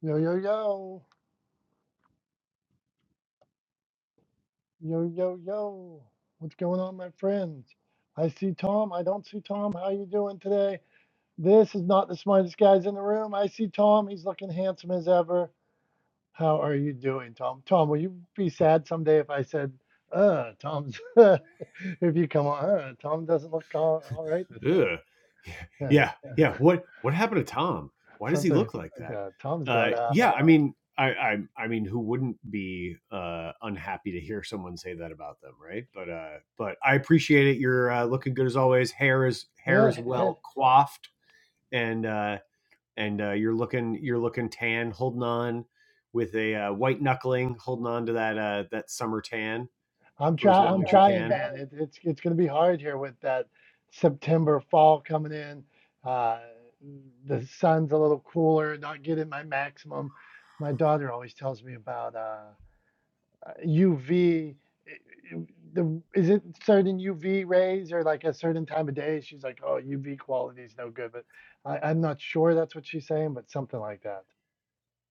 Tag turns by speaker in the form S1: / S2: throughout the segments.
S1: Yo, yo, yo. Yo, yo, yo. What's going on, my friends? I see Tom. I don't see Tom. How you doing today? This is not the smartest guys in the room. I see Tom. He's looking handsome as ever. How are you doing, Tom? Tom, will you be sad someday if I said, uh, Tom's, if you come on, uh, Tom doesn't look all, all right this day.
S2: Ugh.
S1: Yeah,
S2: Yeah, yeah. What what happened to Tom? Why does he
S1: something.
S2: look like that?
S1: Yeah, Tom's
S2: Uh,
S1: got, uh,
S2: yeah, I mean, I, I I mean, who wouldn't be uh, unhappy to hear someone say that about them, right? But uh, but I appreciate it. You're uh, looking good as always. Hair is hair
S1: yeah,
S2: is
S1: hey,
S2: well coiffed, and uh, and uh, you're looking you're looking tan, holding on with a uh, white knuckling, holding on to that uh, that summer tan
S1: I'm
S2: for as
S1: try
S2: long
S1: I'm
S2: as you
S1: trying,
S2: can.
S1: man. It, it's it's going to be hard here with that September fall coming in. Uh, the sun's a little cooler, not getting my maximum. My daughter always tells me about uh, uh, UV. The, is it certain UV rays or like a certain time of day? She's like, oh, UV quality is no good, but I, I'm not sure that's what she's saying, but something like that.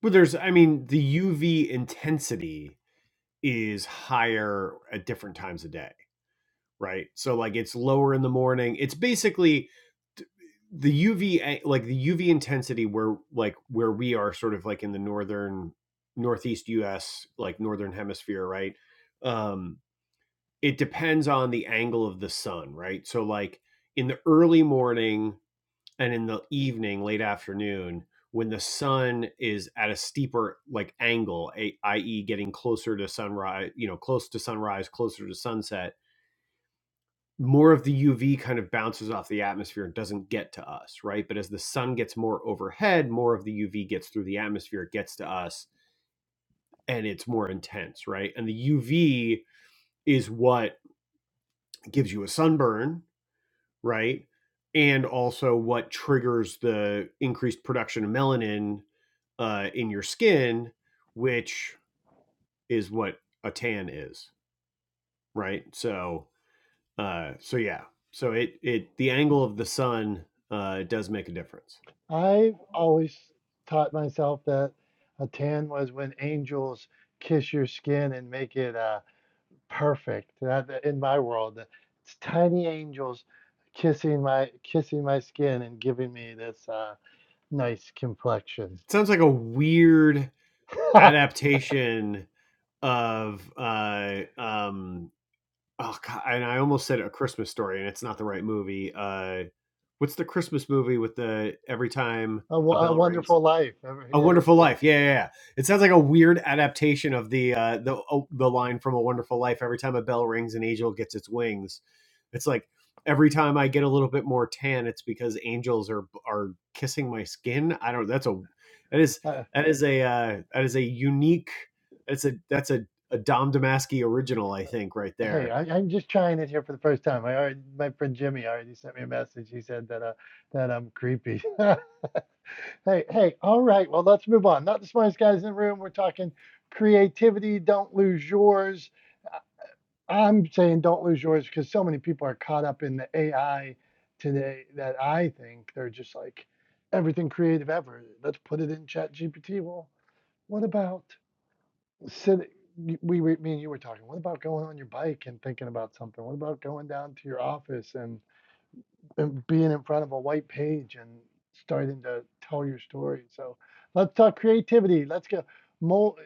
S2: But there's, I mean, the UV intensity is higher at different times of day, right? So like it's lower in the morning. It's basically the UV like the UV intensity where like where we are sort of like in the northern northeast US, like northern hemisphere, right? Um it depends on the angle of the sun, right? So like in the early morning and in the evening, late afternoon, when the sun is at a steeper like angle, a- i.e., getting closer to sunrise, you know, close to sunrise, closer to sunset, more of the UV kind of bounces off the atmosphere and doesn't get to us, right? But as the sun gets more overhead, more of the UV gets through the atmosphere, it gets to us, and it's more intense, right? And the UV is what gives you a sunburn, right? And also what triggers the increased production of melanin uh, in your skin, which is what a tan is, right? So, uh, so yeah, so it it the angle of the sun uh, does make a difference.
S1: I've always taught myself that a tan was when angels kiss your skin and make it uh, perfect. That in my world, it's tiny angels kissing my kissing my skin and giving me this uh, nice complexion.
S2: It sounds like a weird
S1: a,
S2: adaptation of uh, um, oh god, and I almost said a Christmas story, and it's not the right movie. Uh, what's the Christmas movie with the every time
S1: wo-
S2: a
S1: a
S2: bell rings?
S1: wonderful life.
S2: A
S1: Every-
S2: Wonderful Life. Yeah, yeah, yeah. It sounds like a weird adaptation of the uh, the oh, the line from A Wonderful Life. Every time a bell rings, an angel gets its wings. It's like every time I get a little bit more tan, it's because angels are are kissing my skin. I don't. That's a that is
S1: eh, uh,
S2: that is a uh, that is a unique. That's a that's a, a Dom Damasky original, I think, right there.
S1: hey, I, I'm just trying it here for the first time. I already, my friend Jimmy already sent me a message. He said that uh, that I'm creepy. Hey, hey, all right. Well, let's move on. Not the smartest guys in the room. We're talking creativity. Don't lose yours. Uh, I'm saying don't lose yours because so many people are caught up in the AI today that I think they're just like everything creative ever. Let's put it in Chat GPT. Well, what about sitting? We, were me and you were talking. What about going on your bike and thinking about something? What about going down to your office and and being in front of a white page and starting to tell your story. So let's talk creativity. Let's go. Mole,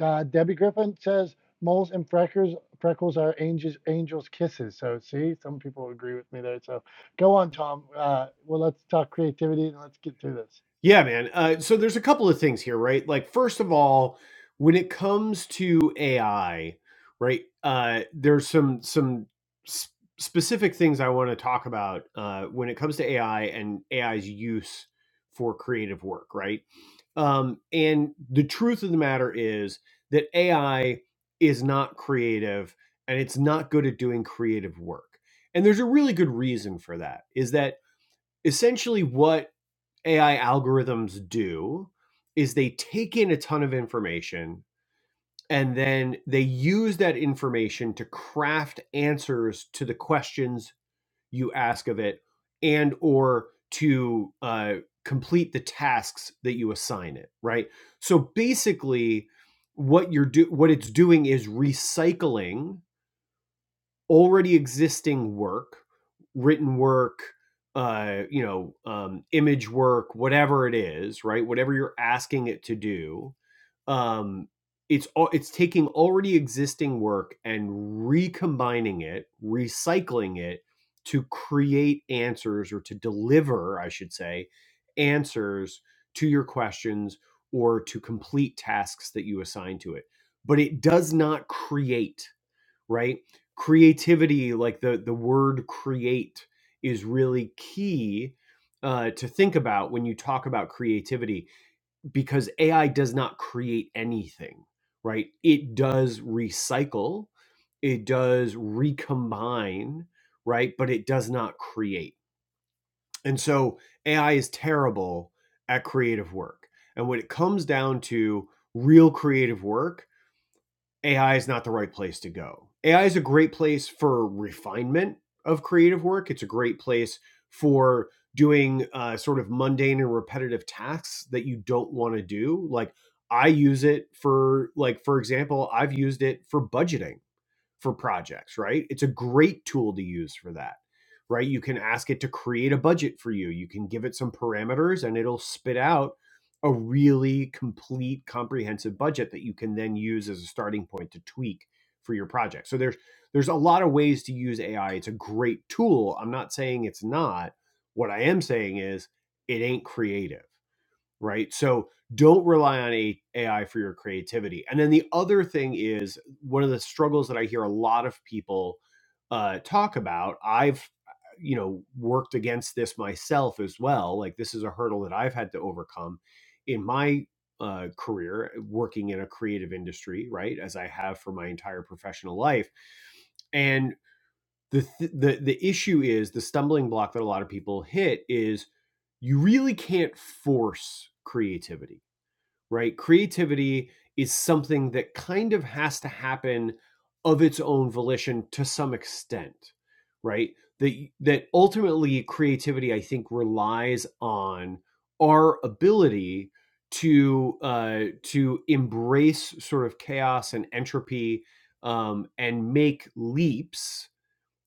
S1: uh, Debbie Griffin says moles and freckles freckles are angels angels kisses. So see, some people agree with me there. So go on, Tom. Uh, well, let's talk creativity and let's get through this.
S2: Yeah, man. Uh, so there's a couple of things here, right? Like, first of all, when it comes to AI, right? Uh, there's some some s- specific things I want to talk about uh, when it comes to AI and AI's use for creative work, right? Um, and the truth of the matter is that AI is not creative, and it's not good at doing creative work. And there's a really good reason for that. Is that essentially what AI algorithms do is they take in a ton of information and then they use that information to craft answers to the questions you ask of it and or to uh, complete the tasks that you assign it right so basically what you're do what it's doing is recycling already existing work, written work, uh, you know, um, image work, whatever it is, right? Whatever you're asking it to do, um, it's it's taking already existing work and recombining it, recycling it to create answers or to deliver, I should say, answers to your questions or to complete tasks that you assign to it. But it does not create right? Creativity, like the the word create, is really key uh, to think about when you talk about creativity because AI does not create anything, right? It does recycle, it does recombine, right? But it does not create. And so AI is terrible at creative work. And when it comes down to real creative work, AI is not the right place to go. AI is a great place for refinement of creative work. It's a great place for doing uh, sort of mundane and repetitive tasks that you don't want to do. Like I use it for, like for example, I've used it for budgeting for projects, right? It's a great tool to use for that, right? You can ask it to create a budget for you. You can give it some parameters and it'll spit out a really complete, comprehensive budget that you can then use as a starting point to tweak for your project. So there's there's a lot of ways to use AI. It's a great tool. I'm not saying it's not. What I am saying is it ain't creative right? So don't rely on AI for your creativity. And then the other thing is one of the struggles that I hear a lot of people uh, talk about. I've you know worked against this myself as well. Like this is a hurdle that I've had to overcome in my uh, career uh, working in a creative industry, right? As I have for my entire professional life, and the th- the the issue is the stumbling block that a lot of people hit is you really can't force creativity, right? Creativity is something that kind of has to happen of its own volition to some extent, right? That that ultimately creativity, I think, relies on our ability to uh, to embrace sort of chaos and entropy um, and make leaps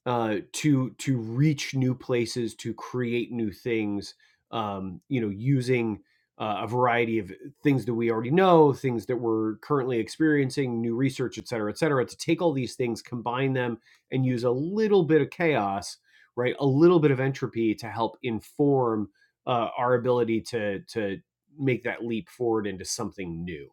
S2: uh, to to reach new places, to create new things. Um, you know, using uh, a variety of things that we already know, things that we're currently experiencing, new research, et cetera, et cetera, to take all these things, combine them, and use a little bit of chaos, right? A little bit of entropy to help inform uh, our ability to to make that leap forward into something new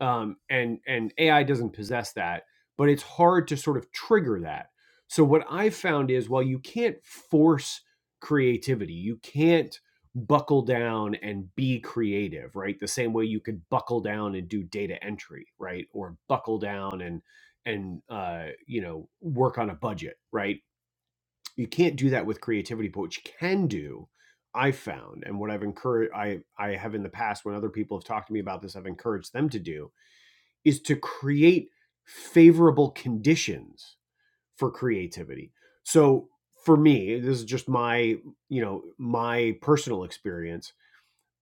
S2: um, and and AI doesn't possess that, but it's hard to sort of trigger that. So what I've found is while you can't force creativity, you can't buckle down and be creative, right? The same way you could buckle down and do data entry, right? Or buckle down and and uh, you know work on a budget, right? You can't do that with creativity, but what you can do, I've found, and what I've encouraged, I I have in the past when other people have talked to me about this, I've encouraged them to do is to create favorable conditions for creativity. So for me, this is just my, you know, my personal experience.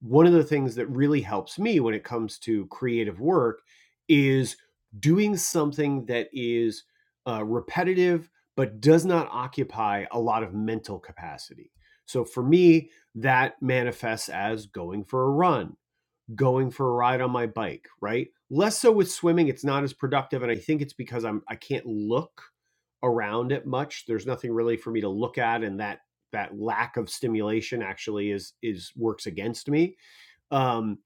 S2: One of the things that really helps me when it comes to creative work is doing something that is uh, repetitive but does not occupy a lot of mental capacity. So for me, that manifests as going for a run going for a ride on my bike, right? Less so with swimming, it's not as productive and I think it's because I'm I can't look around it much. There's nothing really for me to look at and that that lack of stimulation actually is is works against me. Um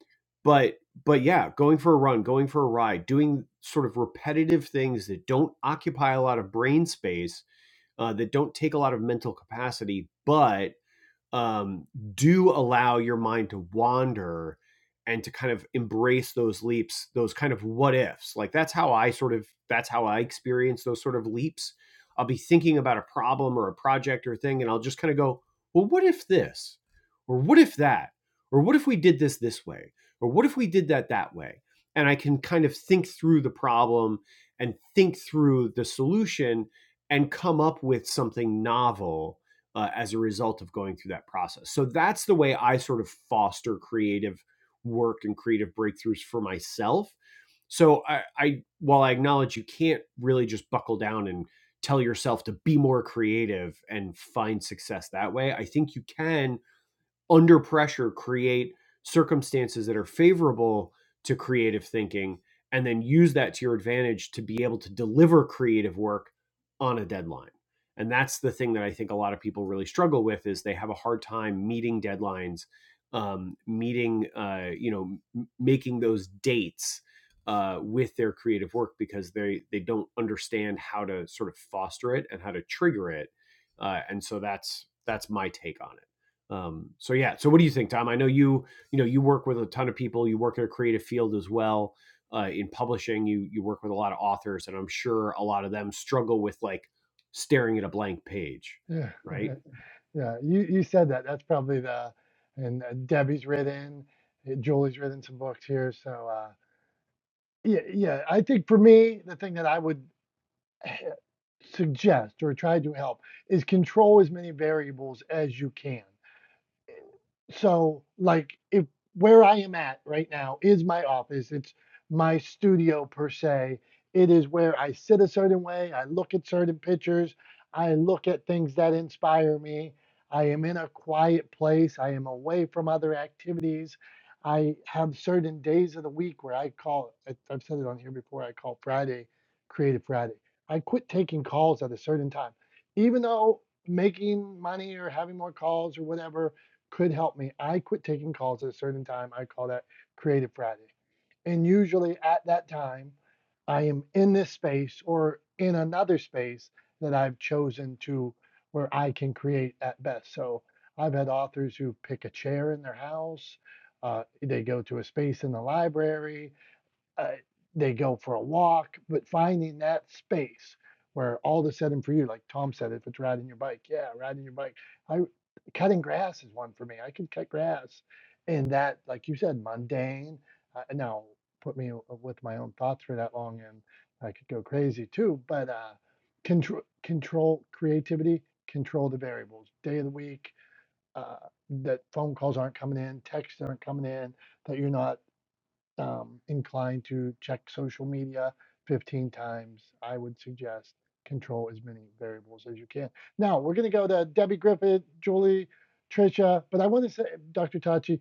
S2: but but yeah, going for a run, going for a ride, doing sort of repetitive things that don't occupy a lot of brain space, uh, that don't take a lot of mental capacity, but um, do allow your mind to wander and to kind of embrace those leaps, those kind of what ifs. Like that's how I sort of that's how I experience those sort of leaps. I'll be thinking about a problem or a project or a thing, and I'll just kind of go, well, what if this? Or what if that? Or what if we did this this way? Or what if we did that that way? And I can kind of think through the problem and think through the solution and come up with something novel uh, as a result of going through that process. So that's the way I sort of foster creative work and creative breakthroughs for myself. So I, I while I acknowledge you can't really just buckle down and tell yourself to be more creative and find success that way, I think you can under pressure create circumstances that are favorable to creative thinking and then use that to your advantage to be able to deliver creative work on a deadline and that's the thing that i think a lot of people really struggle with is they have a hard time meeting deadlines um, meeting uh, you know m- making those dates uh, with their creative work because they they don't understand how to sort of foster it and how to trigger it uh, and so that's that's my take on it um, so yeah. So what do you think, Tom? I know you you know you work with a ton of people. You work in a creative field as well. Uh, in publishing, you you work with a lot of authors, and I'm sure a lot of them struggle with like staring at a blank page,
S1: Yeah,
S2: right?
S1: yeah. You you said that. That's probably the and uh, Debbie's written, uh, Julie's written some books here. So uh, yeah, yeah. I think for me, the thing that I would suggest or try to help is control as many variables as you can. So, like, if where I am at right now is my office, it's my studio per se. It is where I sit a certain way, I look at certain pictures, I look at things that inspire me. I am in a quiet place, I am away from other activities. I have certain days of the week where I call, I- I've said it on here before, I call Friday Creative Friday. I quit taking calls at a certain time, even though making money or having more calls or whatever could help me. I quit taking calls at a certain time. I call that Creative Friday. And usually at that time, I am in this space or in another space that I've chosen to where I can create at best. So I've had authors who pick a chair in their house, uh, they go to a space in the library, uh, they go for a walk, but finding that space where all of a sudden for you, like Tom said, if it's riding your bike, yeah, riding your bike. I cutting grass is one for me. I can cut grass, and that, like you said, mundane. Uh, now put me with my own thoughts for that long, and I could go crazy too. But uh, control, control creativity, control the variables. Day of the week. Uh, that phone calls aren't coming in, texts aren't coming in, that you're not um, inclined to check social media 15 times, I would suggest control as many variables as you can. Now we're going to go to Debbie Griffith, Julie, Tricia, but I want to say, Dr. Tachi,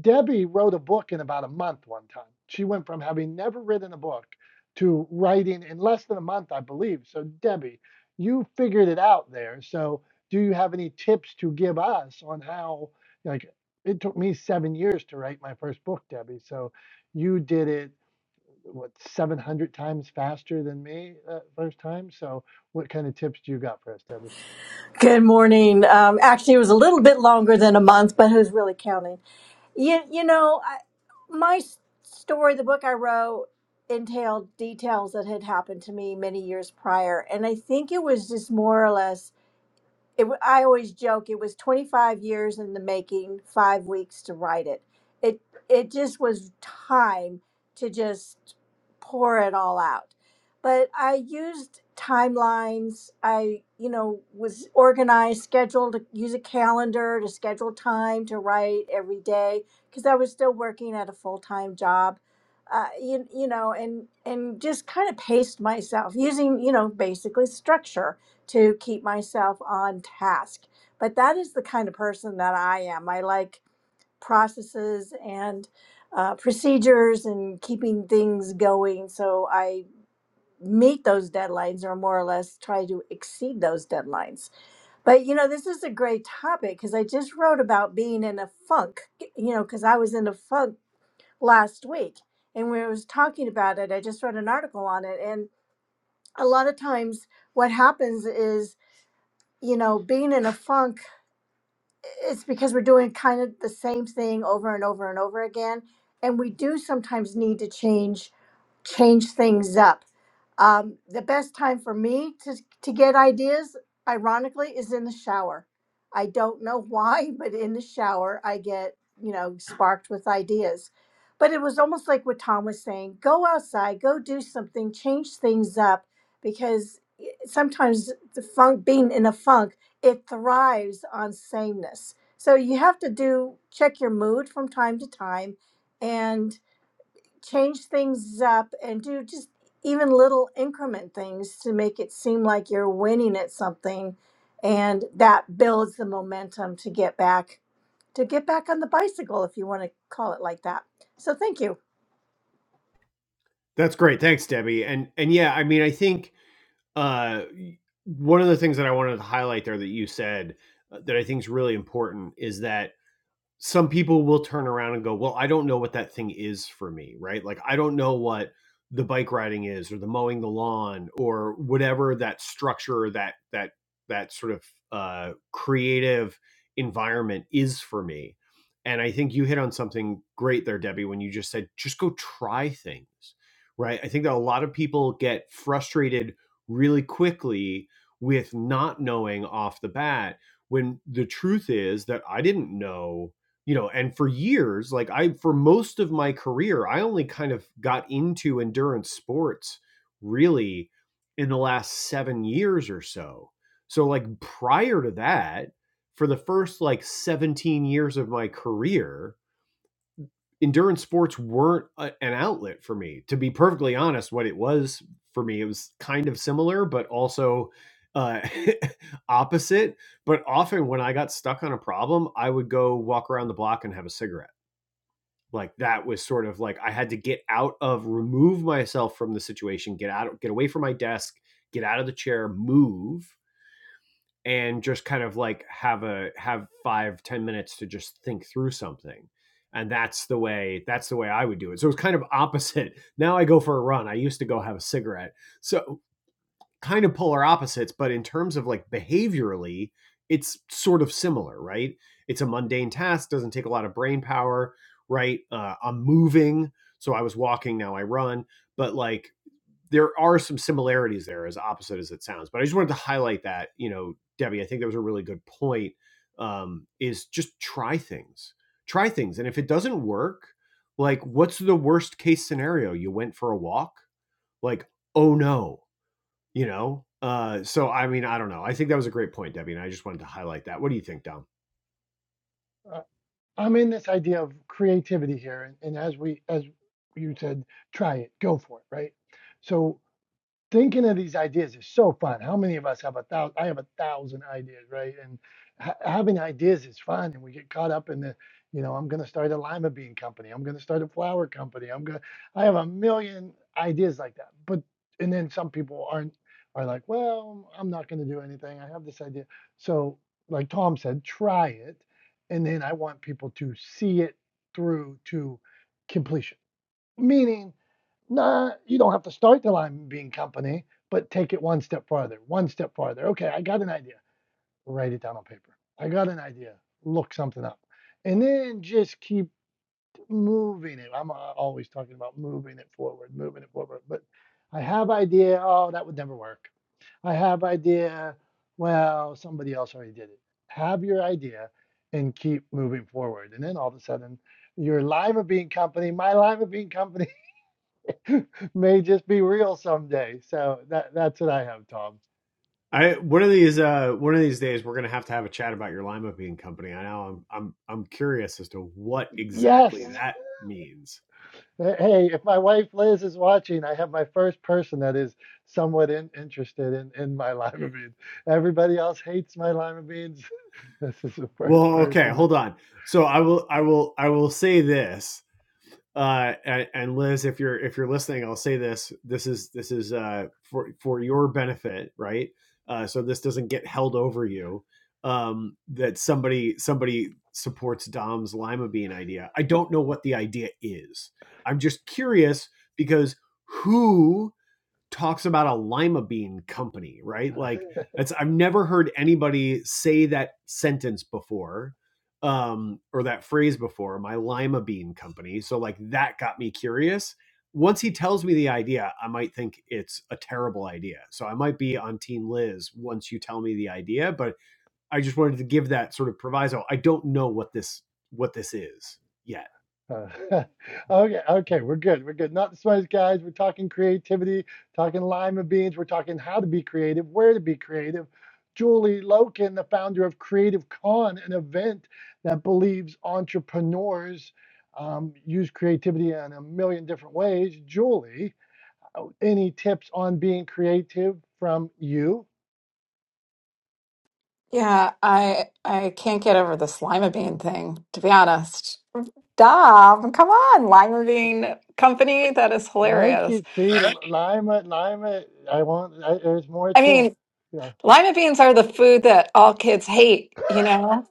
S1: Debbie wrote a book in about a month one time. She went from having never written a book to writing in less than a month, I believe. So, Debbie, you figured it out there. So, do you have any tips to give us on how, like, it took me seven years to write my first book, Debbie. So, you did it what 700 times faster than me uh, first time so what kind of tips do you got for us debbie
S3: Good morning. Um, actually, it was a little bit longer than a month, but who's really counting? You, you know, I, my s- story, the book I wrote, entailed details that had happened to me many years prior. And I think it was just more or less it, w- I always joke it was 25 years in the making, five weeks to write it. It it just was time to just pour it all out. But I used timelines. I you know was organized, scheduled to use a calendar to schedule time to write every day because I was still working at a full time job. Uh, you, you know, and and just kind of paced myself using you know basically structure to keep myself on task. But that is the kind of person that I am. I like processes and uh, procedures and keeping things going. So I meet those deadlines or more or less try to exceed those deadlines. But you know, this is a great topic because I just wrote about being in a funk, you know, because I was in a funk last week. And when I was talking about it, I just wrote an article on it. And a lot of times, what happens is you know, being in a funk, it's because we're doing kind of the same thing over and over and over again. And we do sometimes need to change change things up. Um, the best time for me to, to get ideas, ironically, is in the shower. I don't know why, but in the shower, I get, you know, sparked with ideas. But it was almost like what Tom was saying go outside, go do something, change things up, because i- sometimes the funk, being in a funk, it thrives on sameness. So you have to do check your mood from time to time and change things up and do just even little increment things to make it seem like you're winning at something and that builds the momentum to get back to get back on the bicycle if you want to call it like that so thank you
S2: That's great. Thanks, Debbie. And and yeah, I mean, I think uh, one of the things that I wanted to highlight there that you said uh, that I think is really important is that some people will turn around and go, "Well, I don't know what that thing is for me," right? Like I don't know what the bike riding is or the mowing the lawn or whatever that structure that that that sort of uh creative environment is for me. And I think you hit on something great there, Debbie, when you just said just go try things, right? I think that a lot of people get frustrated really quickly with not knowing off the bat when the truth is that I didn't know you know and for years like i for most of my career i only kind of got into endurance sports really in the last 7 years or so so like prior to that for the first like 17 years of my career endurance sports weren't a, an outlet for me to be perfectly honest what it was for me it was kind of similar but also uh opposite but often when i got stuck on a problem i would go walk around the block and have a cigarette like that was sort of like I had to get out of remove myself from the situation, get out get away from my desk, get out of the chair, move and just kind of like have a have five ten minutes to just think through something and that's the way that's the way i would do it so it's kind of opposite now i go for a run i used to go have a cigarette so kind of polar opposites, but in terms of like behaviorally, it's sort of similar, right? It's a mundane task, doesn't take a lot of brain power, right? Uh, I'm moving, so I was walking, now I run, but like there are some similarities there, as opposite as it sounds. But I just wanted to highlight that, you know, Debbie, I think that was a really good point. Um, is just try things, try things, and if it doesn't work, like what's the worst case scenario? You went for a walk, like oh no, you know uh so i mean i don't know i think that was a great point debbie and i just wanted to highlight that what do you think dom
S1: uh, i'm in this idea of creativity here and, and as we as you said try it go for it right so thinking of these ideas is so fun. How many of us have a thousand? I have a thousand ideas, right? And ha- having ideas is fun, and we get caught up in the, you know, I'm going to start a lima bean company. I'm going to start a flower company. I'm going. to I have a million ideas like that. But and then some people aren't are like, well, I'm not going to do anything. I have this idea. So like Tom said, try it, and then I want people to see it through to completion. Meaning Nah, you don't have to start the lime bean company, but take it one step farther, one step farther. Okay, I got an idea. Write it down on paper. I got an idea. Look something up. And then just keep moving it. I'm uh, always talking about moving it forward, moving it forward. But I have idea. Oh, that would never work. I have idea. Well, somebody else already did it. Have your idea and keep moving forward. And then all of a sudden, your lima bean company, my lima bean company may just be real someday. So that that's what I have, Tom.
S2: i one of these uh one of these days we're gonna have to have a chat about your lima bean company i know i'm i'm i'm curious as to what exactly
S1: Yes.
S2: that means
S1: Hey, if my wife Liz is watching, I have my first person that is somewhat in, interested in, in my lima beans. Everybody else hates my lima beans. This is the first
S2: well okay
S1: person
S2: hold on so i will i will i will say this uh, and, and Liz, if you're if you're listening, I'll say this: this is this is uh, for for your benefit, right? Uh, so this doesn't get held over you. Um, that somebody somebody supports Dom's lima bean idea. I don't know what the idea is. I'm just curious because who talks about a lima bean company, right? Like it's I've never heard anybody say that sentence before um or that phrase before, my lima bean company. So like that got me curious. Once he tells me the idea, I might think it's a terrible idea. So I might be on team Liz once you tell me the idea, but I just wanted to give that sort of proviso. I don't know what this what this is yet.
S1: Uh, okay, okay, we're good. We're good. Not the smartest guys. We're talking creativity, talking lima beans. We're talking how to be creative, where to be creative. Julie Loken, the founder of Creative Con, an event that believes entrepreneurs um, use creativity in a million different ways. Julie, uh, any tips on being creative from you?
S4: Yeah, I I can't get over the lima bean thing, to be honest. Dom, come on, lima bean company, that is
S1: Okay,
S4: hilarious.
S1: see, Lima, Lima, I want, I, there's more
S4: I
S1: to,
S4: mean,
S1: yeah,
S4: lima beans are the food that all kids hate, you know,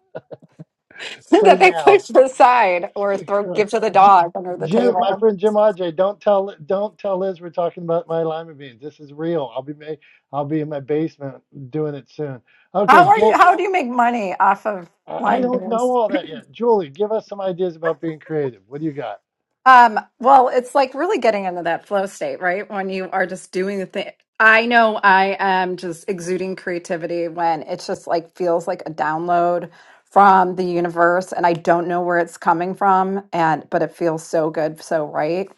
S1: for
S4: that they
S1: now.
S4: push aside or throw give to the
S1: J-
S4: dog under the
S1: Jim, my
S4: table.
S1: friend Jim Ajay, don't tell don't tell Liz we're talking about my lima beans. This is real. I'll be ma- I'll be in my basement doing it soon. Okay,
S4: How are you
S1: Jewel,
S4: how do you make money off of
S1: I I
S4: lima
S1: don't know
S4: beans?
S1: all that yet. Julie, give us some ideas about being creative. What do you got?
S4: Um, well, it's like really getting into that flow state, right? When you are just doing the thing. I know I am just exuding creativity when it just like feels like a download from the universe and I don't know where it's coming from and but it feels so good, so right.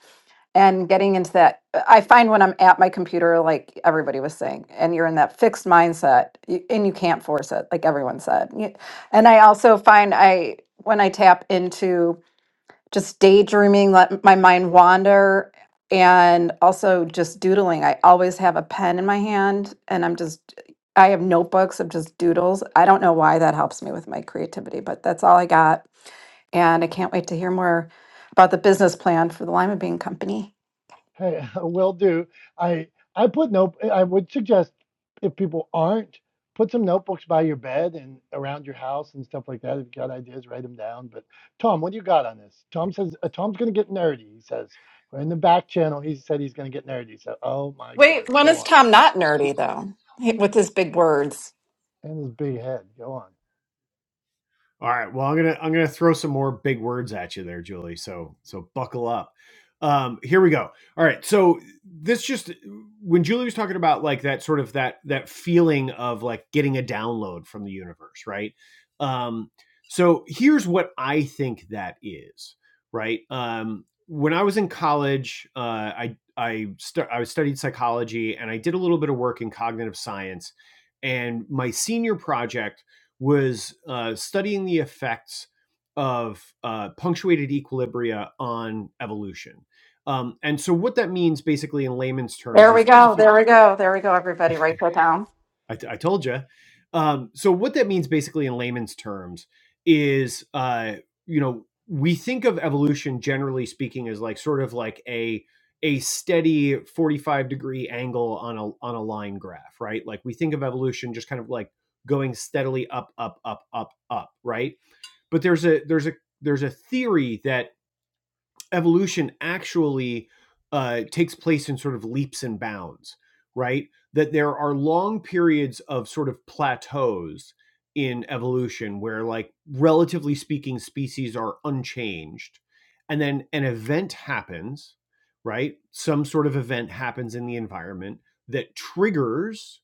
S4: And getting into that I find when I'm at my computer like everybody was saying and you're in that fixed mindset y- and you can't force it like everyone said. You- And I also find I when I tap into just daydreaming, let my mind wander, and also just doodling. I always have a pen in my hand, and I'm just, I have notebooks of just doodles. I don't know why that helps me with my creativity, but that's all I got. And I can't wait to hear more about the business plan for the Lima Bean Company.
S1: Hey, will do. I I put note. I would suggest if people aren't, put some notebooks by your bed and around your house and stuff like that. If you got ideas, write them down. But Tom, what do you got on this? Tom says uh, Tom's going to get nerdy. He says we're in the back channel. He said he's going to get nerdy. So, oh my
S4: Wait,
S1: goodness,
S4: when
S1: go
S4: is
S1: on.
S4: Tom not nerdy though? He- With his big words.
S1: And his big head, go on.
S2: All right. Well, I'm gonna I'm gonna throw some more big words at you there, Julie. So so buckle up. Um, here we go. All right. So this just when Julie was talking about like that sort of that that feeling of like getting a download from the universe, right? Um, so here's what I think that is, right? Um, when I was in college, uh, I I stu- I studied psychology and I did a little bit of work in cognitive science, and my senior project was uh, studying the effects of uh, punctuated equilibria on evolution. Um, and so, what that means basically in layman's terms
S4: There we
S2: is
S4: go.
S2: often,
S4: There we go. There we go, everybody. Write that down.
S2: I I told you. Um, so, what that means basically in layman's terms is, uh, you know, we think of evolution generally speaking as like sort of like a a steady 45 degree angle on a on a line graph, right? Like we think of evolution just kind of like going steadily up, up, up, up, up, right? But there's a there's a there's a theory that evolution actually uh, takes place in sort of leaps and bounds, right? That there are long periods of sort of plateaus in evolution where, like, relatively speaking, species are unchanged. And then an event happens, right? Some sort of event happens in the environment that triggers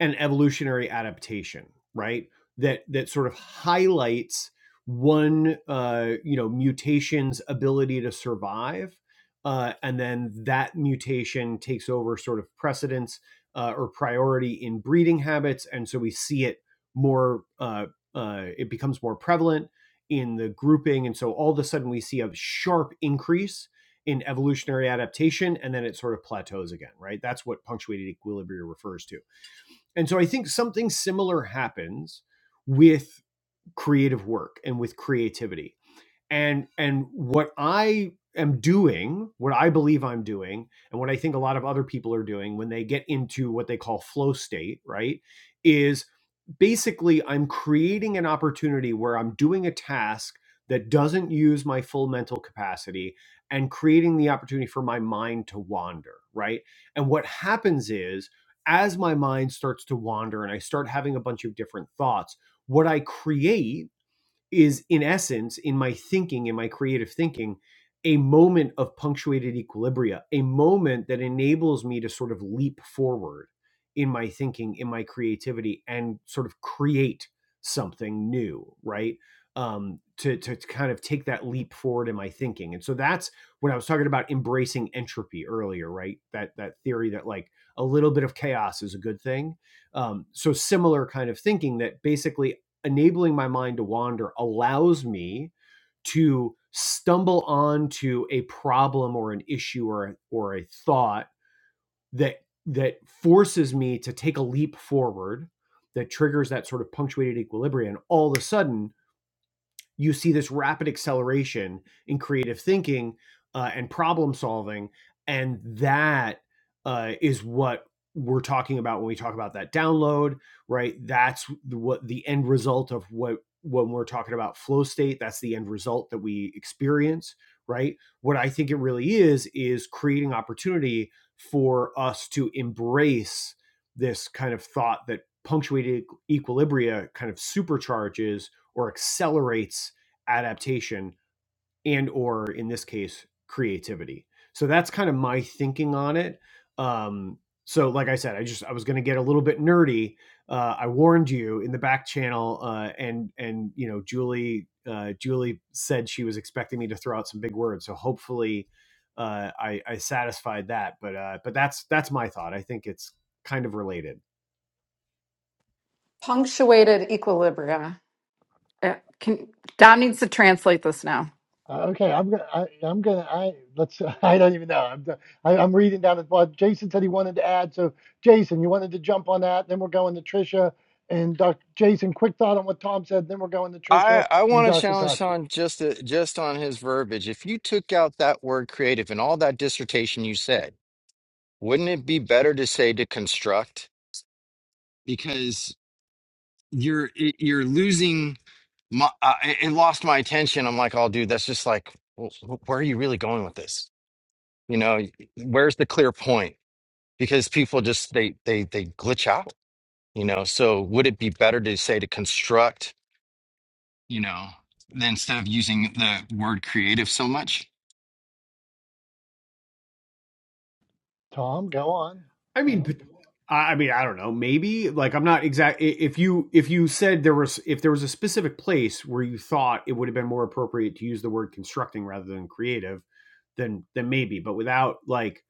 S2: an evolutionary adaptation, right? That that sort of highlights one uh, you know mutation's ability to survive, uh, and then that mutation takes over sort of precedence uh, or priority in breeding habits, and so we see it more. Uh, uh, it becomes more prevalent in the grouping, and so all of a sudden we see a sharp increase in evolutionary adaptation, and then it sort of plateaus again, right? That's what punctuated equilibrium refers to and so I think something similar happens with creative work and with creativity. And and what I am doing, what I believe I'm doing, and what I think a lot of other people are doing when they get into what they call flow state, right? Is basically I'm creating an opportunity where I'm doing a task that doesn't use my full mental capacity and creating the opportunity for my mind to wander, right? And what happens is as my mind starts to wander and I start having a bunch of different thoughts, what I create is in essence in my thinking in my creative thinking a moment of punctuated equilibria a moment that enables me to sort of leap forward in my thinking in my creativity and sort of create something new right um to to, to kind of take that leap forward in my thinking and so that's when i was talking about embracing entropy earlier right that that theory that like a little bit of chaos is a good thing um so similar kind of thinking that basically enabling my mind to wander allows me to stumble onto a problem or an issue or or a thought that that forces me to take a leap forward that triggers that sort of punctuated equilibrium all of a sudden you see this rapid acceleration in creative thinking uh, and problem solving and that uh, is what we're talking about when we talk about that download right that's what the end result of what when we're talking about flow state that's the end result that we experience right what i think it really is is creating opportunity for us to embrace this kind of thought that punctuated equilibria kind of supercharges or accelerates adaptation and or in this case creativity so that's kind of my thinking on it um, so like i said i just i was going to get a little bit nerdy uh, i warned you in the back channel uh, and and you know julie uh, julie said she was expecting me to throw out some big words so hopefully uh, I, I satisfied that but uh, but that's that's my thought i think it's kind of related
S4: Punctuated equilibria. Uh, Can, Dom needs to translate this now.
S1: Uh, Okay, I'm gonna. I, I'm gonna. I let's. I don't even know. I'm. d- I, am reading down at what Jason said he wanted to add. So Jason, you wanted to jump on that. Then we're going to Trisha and Doc. Jason, quick thought on what Tom said. Then we're going to Trisha
S5: I I
S1: and
S5: want to
S1: Dr.
S5: challenge
S1: Tachi.
S5: Sean just to, just on his verbiage. If you took out that word creative and all that dissertation you said, wouldn't it be better to say to construct? Because you're it- you're losing my uh, it it lost my attention. I'm like, oh, dude, that's just like, wh- wh- where are you really going with this? You know, where's the clear point? Because people just they they they glitch out. You know, so would it be better to say to construct? You know, than instead of using the word creative so much?
S1: Tom, go on.
S2: I mean, I mean, I don't know. Maybe like I'm not exact. If you if you said there was if there was a specific place where you thought it would have been more appropriate to use the word constructing rather than creative, then then maybe. But without like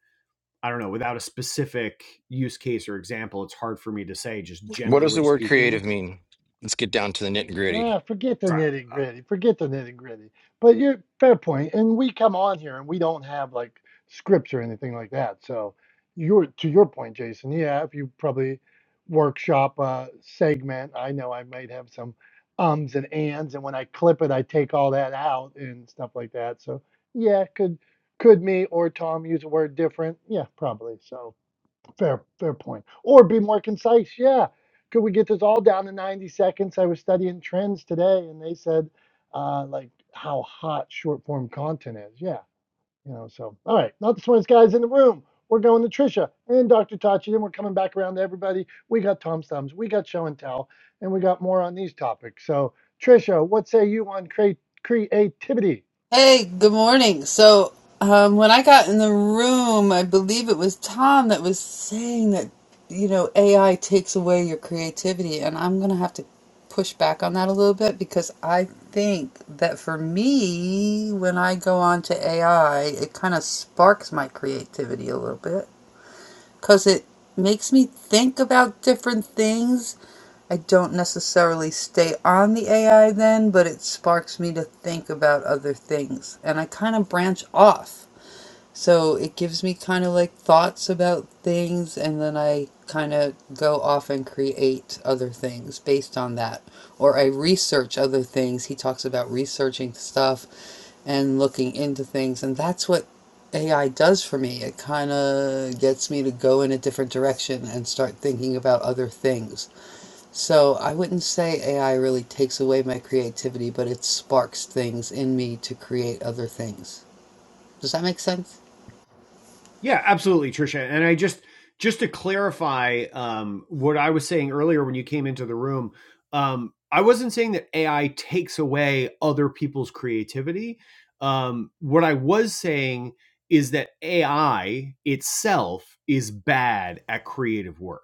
S2: I don't know, without a specific use case or example, it's hard for me to say. Just
S5: What does
S2: generally
S5: the word
S2: speaking,
S5: creative mean? Let's get down to the nitty gritty.
S1: Ah, forget the
S2: right?
S1: nitty gritty. Forget the nitty gritty. But you're fair point. And we come on here and we don't have like scripts or anything like that. So you're to your point, Jason. Yeah, if you probably workshop a segment, I know I might have some ums and ands, and when I clip it, I take all that out and stuff like that. So yeah, could could me or Tom use a word different? Yeah, probably. So. Fair, fair point. Or be more concise. Yeah. Could we get this all down to 90 seconds? I was studying trends today and they said, uh, like how hot short form content is. Yeah. You know, so, all right. Not the smartest guys in the room. We're going to Trisha and Dr. Tachi. Then we're coming back around to everybody. We got Tom's Thumbs, we got Show and Tell, and we got more on these topics. So, Trisha, what say you on create creativity?
S6: Hey, good morning. So, um, when I got in the room, I believe it was Tom that was saying that, you know, AI takes away your creativity. And I'm going to have to push back on that a little bit because I think that for me, when I go on to AI, it kind of sparks my creativity a little bit because it makes me think about different things. I don't necessarily stay on the AI then, but it sparks me to think about other things. And I kind of branch off. So it gives me kind of like thoughts about things, and then I kind of go off and create other things based on that. Or I research other things. He talks about researching stuff and looking into things, and that's what AI does for me. It kind of gets me to go in a different direction and start thinking about other things. So I wouldn't say AI really takes away my creativity, but it sparks things in me to create other things. Does that make sense?
S2: Yeah, absolutely, Trisha. And I just just to clarify um, what I was saying earlier when you came into the room, um, I wasn't saying that AI takes away other people's creativity. Um, what I was saying is that AI itself is bad at creative work,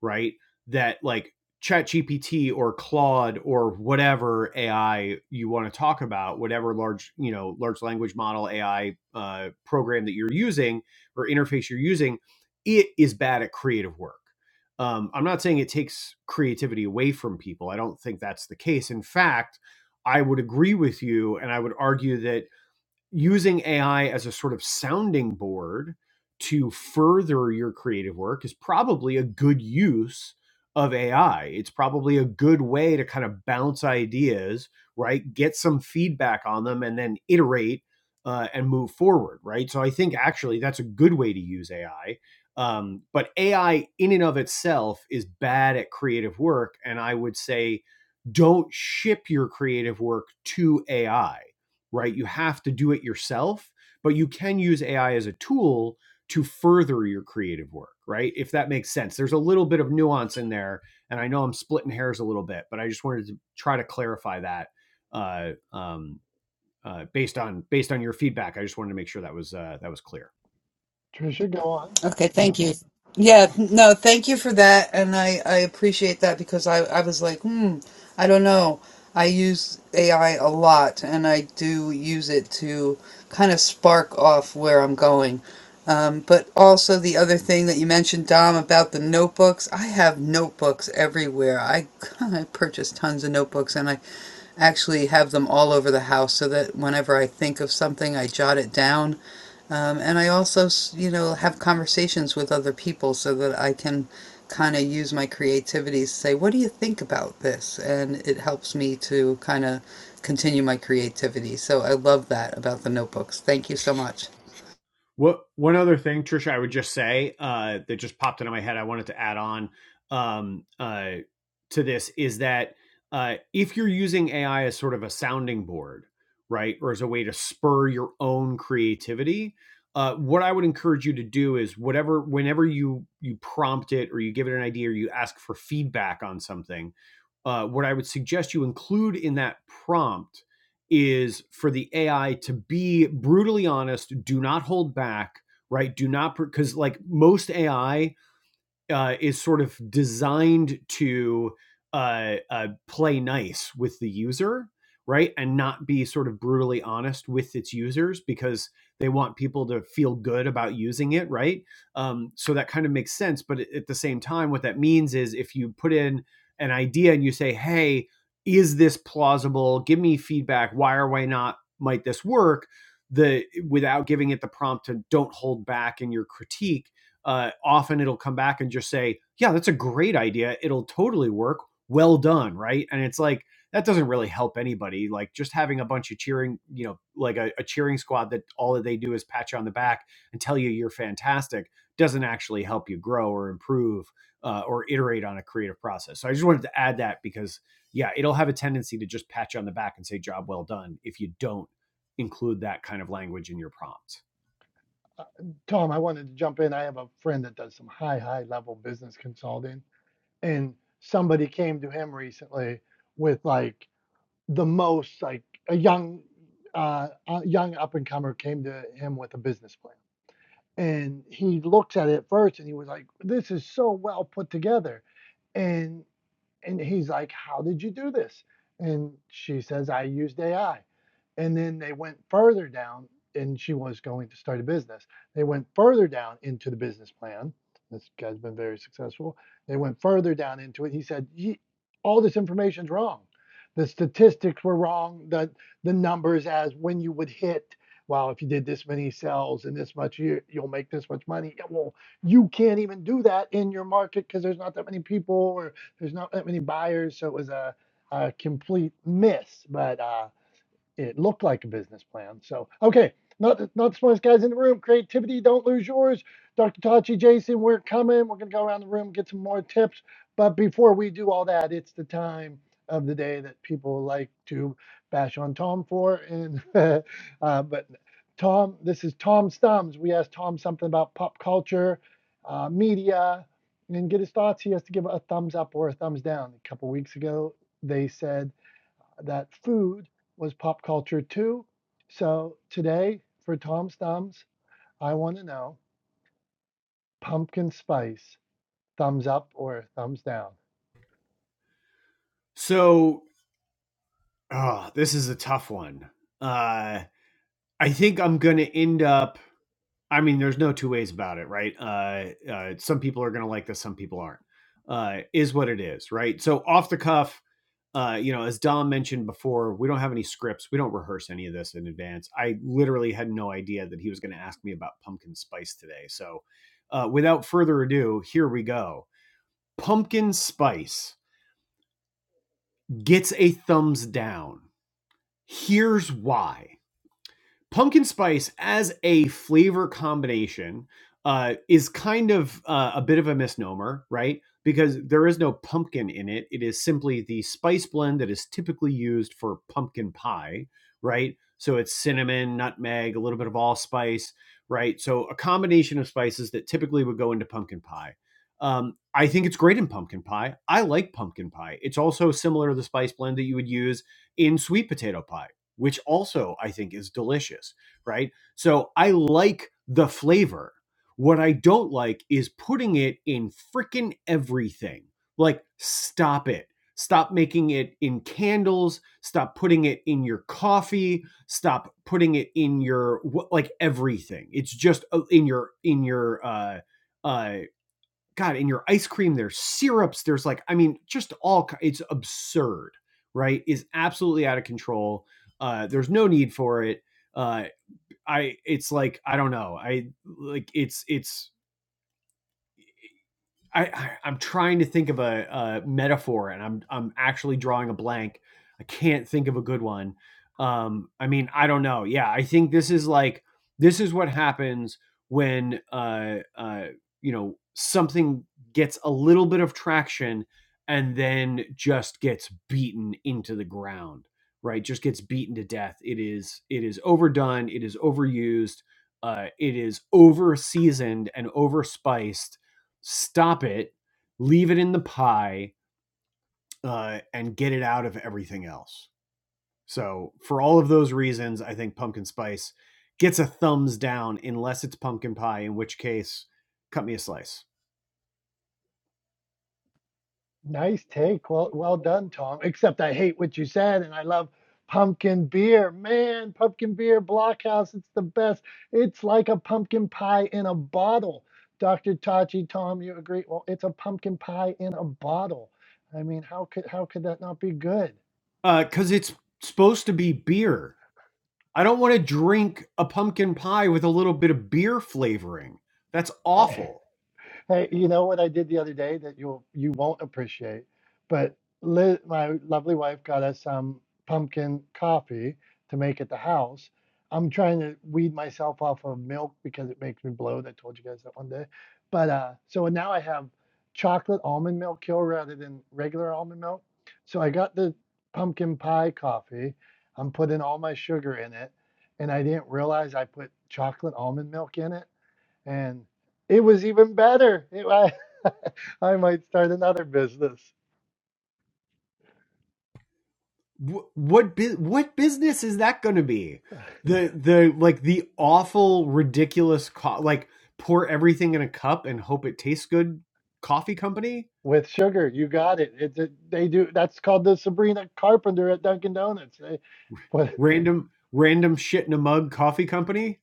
S2: right? That like ChatGPT or Claude or whatever AI you want to talk about, whatever large you know large language model AI uh, program that you're using or interface you're using, it is bad at creative work. Um, I'm not saying it takes creativity away from people. I don't think that's the case. In fact, I would agree with you, and I would argue that using AI as a sort of sounding board to further your creative work is probably a good use of AI. It's probably a good way to kind of bounce ideas, right? Get some feedback on them and then iterate uh, and move forward, right? So I think actually that's a good way to use AI. Um, but AI in and of itself is bad at creative work. And I would say, don't ship your creative work to AI right? You have to do it yourself, but you can use AI as a tool to further your creative work, right? If that makes sense. There's a little bit of nuance in there, and I know I'm splitting hairs a little bit, but I just wanted to try to clarify that uh, um, uh, based on based on your feedback. I just wanted to make sure that was uh, that was clear.
S1: Trisha, go on.
S6: Okay,
S1: Yeah.
S6: thank you. Yeah, no, thank you for that, and I I appreciate that because I I was like, hmm, I don't know. I use AI a lot, and I do use it to kind of spark off where I'm going. Um, but also the other thing that you mentioned, Dom, about the notebooks. I have notebooks everywhere. I I purchase tons of notebooks, and I actually have them all over the house so that whenever I think of something, I jot it down. Um, and I also, s- you know, have conversations with other people so that I can kind of use my creativity to say, what do you think about this? And it helps me to kind of continue my creativity. So I love that about the notebooks. Thank you so much.
S2: What one other thing, Trisha, I would just say uh, that just popped into my head. I wanted to add on um, uh, to this is that uh, if you're using AI as sort of a sounding board, right, or as a way to spur your own creativity, uh, what I would encourage you to do is whatever, whenever you you prompt it or you give it an idea or you ask for feedback on something, uh, what I would suggest you include in that prompt is for the AI to be brutally honest, do not hold back, right? Do not because like most AI uh, is sort of designed to uh, uh, play nice with the user, right? And not be sort of brutally honest with its users because they want people to feel good about using it, right? Um, so that kind of makes sense. But at at the same time, what that means is if you put in an idea and you say, hey, is this plausible? Give me feedback. Why or why not might this work? The without giving it the prompt to don't hold back in your critique uh, often it'll come back and just say, "Yeah, that's a great idea. It'll totally work. Well done." Right? And it's like that doesn't really help anybody. Like just having a bunch of cheering, you know, like a, a cheering squad that all that they do is pat you on the back and tell you you're fantastic doesn't actually help you grow or improve uh, or iterate on a creative process. So I just wanted to add that because yeah, it'll have a tendency to just pat you on the back and say job well done if you don't include that kind of language in your prompt.
S1: Uh, Tom, I wanted to jump in. I have a friend that does some high, high level business consulting, and somebody came to him recently with like the most like a young, uh, a young up and comer came to him with a business plan, and he looked at it first and he was like, "This is so well put together," and and he's like, How did you do this? And she says, I used AI. And then they went further down, and she was going to start a business. They went further down into the business plan. This guy's been very successful. They went further down into it. He said, All this information's wrong. The statistics were wrong. The, the numbers as when you would hit, well, if you did this many sales and this much, you, you'll make this much money. Yeah, well, you can't even do that in your market because there's not that many people or there's not that many buyers, so it was a, a complete miss. But uh, it looked like a business plan. So, okay, not not the smartest guys in the room. Creativity, don't lose yours. Dr. Tachi, Jason, we're coming. We're gonna go around the room get some more tips. But before we do all that, it's the time of the day that people like to bash on Tom for. And uh, but Tom, this is Tom Stums. We asked Tom something about pop culture, uh, media, and get his thoughts. He has to give a thumbs up or a thumbs down. A couple weeks ago, they said that food was pop culture too. So today for Tom's Thumbs, I want to know pumpkin spice, thumbs up or thumbs down.
S2: So Oh, this is a tough one. Uh, I think I'm going to end up. I mean, there's no two ways about it, right? Uh, uh, some people are going to like this, some people aren't. Uh, is what it is, right? So off the cuff, uh, you know, as Dom mentioned before, we don't have any scripts. We don't rehearse any of this in advance. I literally had no idea that he was going to ask me about pumpkin spice today. So, uh, without further ado, here we go. Pumpkin spice gets a thumbs down. Here's why. pumpkin spice as a flavor combination uh, is kind of uh, a bit of a misnomer, right? Because there is no pumpkin in it. It is simply the spice blend that is typically used for pumpkin pie, right? So it's cinnamon, nutmeg, a little bit of allspice, right? So a combination of spices that typically would go into pumpkin pie. Um, I think it's great in pumpkin pie. I like pumpkin pie. It's also similar to the spice blend that you would use in sweet potato pie which also I think is delicious, right? So I like the flavor. What I don't like is putting it in freaking everything. Like, stop it. Stop making it in candles. Stop putting it in your coffee. Stop putting it in your like everything. It's just uh, in your in your uh, uh, God, in your ice cream, there's syrups, there's like, I mean, just all, it's absurd, right? Is absolutely out of control. Uh, there's no need for it. Uh, I, it's like, I don't know. I like, it's, it's, I, I I'm trying to think of a, a metaphor, and I'm I'm actually drawing a blank. I can't think of a good one. Um, I mean, I don't know. Yeah, I think this is like this is what happens when uh uh you know something gets a little bit of traction and then just gets beaten into the ground right just gets beaten to death it is it is overdone it is overused uh, it is over seasoned and overspiced stop it, leave it in the pie, uh, and get it out of everything else. So, for all of those reasons, I think pumpkin spice gets a thumbs down unless it's pumpkin pie, in which case, cut me a slice.
S1: Nice take. Well, well done, Tom. Except I hate what you said, and I love pumpkin beer. Man, pumpkin beer, Blockhouse, it's the best. It's like a pumpkin pie in a bottle. Dr. Tachi, Tom, you agree? Well, it's a pumpkin pie in a bottle. I mean, how could how could that not be good?
S2: Because it's supposed to be beer. I don't want to drink a pumpkin pie with a little bit of beer flavoring. That's awful.
S1: Hey, you know what I did the other day that you'll you won't appreciate, but Liz, my lovely wife got us some pumpkin coffee to make at the house. I'm trying to weed myself off of milk because it makes me bloat. I told you guys that one day, but uh, so now I have chocolate almond milk here rather than regular almond milk. So I got the pumpkin pie coffee. I'm putting all my sugar in it, and I didn't realize I put chocolate almond milk in it and it was even better. It- I, I might start another business
S2: what what business is that going to be? The the like the awful ridiculous co- like pour everything in a cup and hope it tastes good coffee company?
S1: with sugar. You got it. It's a, they do. That's called the Sabrina Carpenter at Dunkin' Donuts. They, but
S2: Random random shit in a mug coffee company?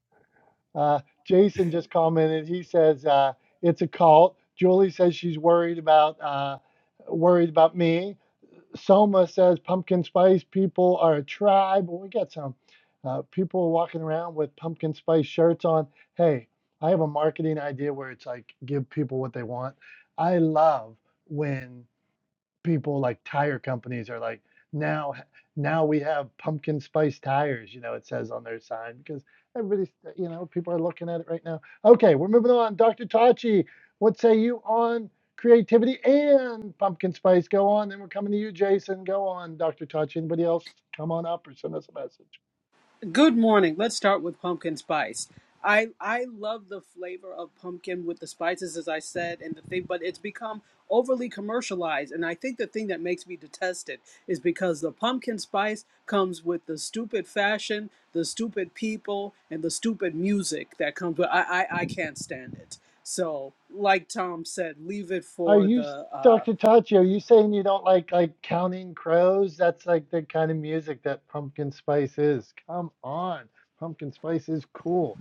S1: uh, Jason just commented. He says uh, it's a cult. Julie says she's worried about uh, worried about me. Soma says pumpkin spice people are a tribe. Well, we got some uh, people walking around with pumpkin spice shirts on. Hey, I have a marketing idea where it's like give people what they want. I love when people like tire companies are like, now now we have pumpkin spice tires, you know, it says on their sign because everybody's, you know, people are looking at it right now. Okay, we're moving on. Dr. Tachi, what say you on creativity and pumpkin spice? Go on. Then we're coming to you, Jason. Go on, Dr. Tachi. Anybody else? Come on up or send us a message.
S7: Good morning. Let's start with pumpkin spice. I I love the flavor of pumpkin with the spices, as I said, and the thing, but it's become overly commercialized. And I think the thing that makes me detest it is because the pumpkin spice comes with the stupid fashion, the stupid people, and the stupid music that comes with. I I, I can't stand it. So, like Tom said, leave it
S1: Are
S7: for
S1: you,
S7: the. Uh,
S1: Dr. Tachi, are you saying you don't like like counting crows? That's like the kind of music that pumpkin spice is. Come on. Pumpkin spice is cool.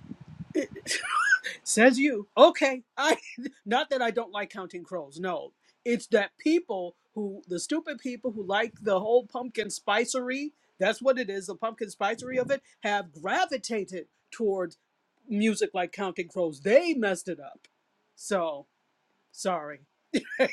S7: Says you. Okay. I not that I don't like counting crows. No. It's that people who the stupid people who like the whole pumpkin spicery, that's what it is, the pumpkin spicery of it, have gravitated towards music like Counting Crows. They messed it up. So sorry.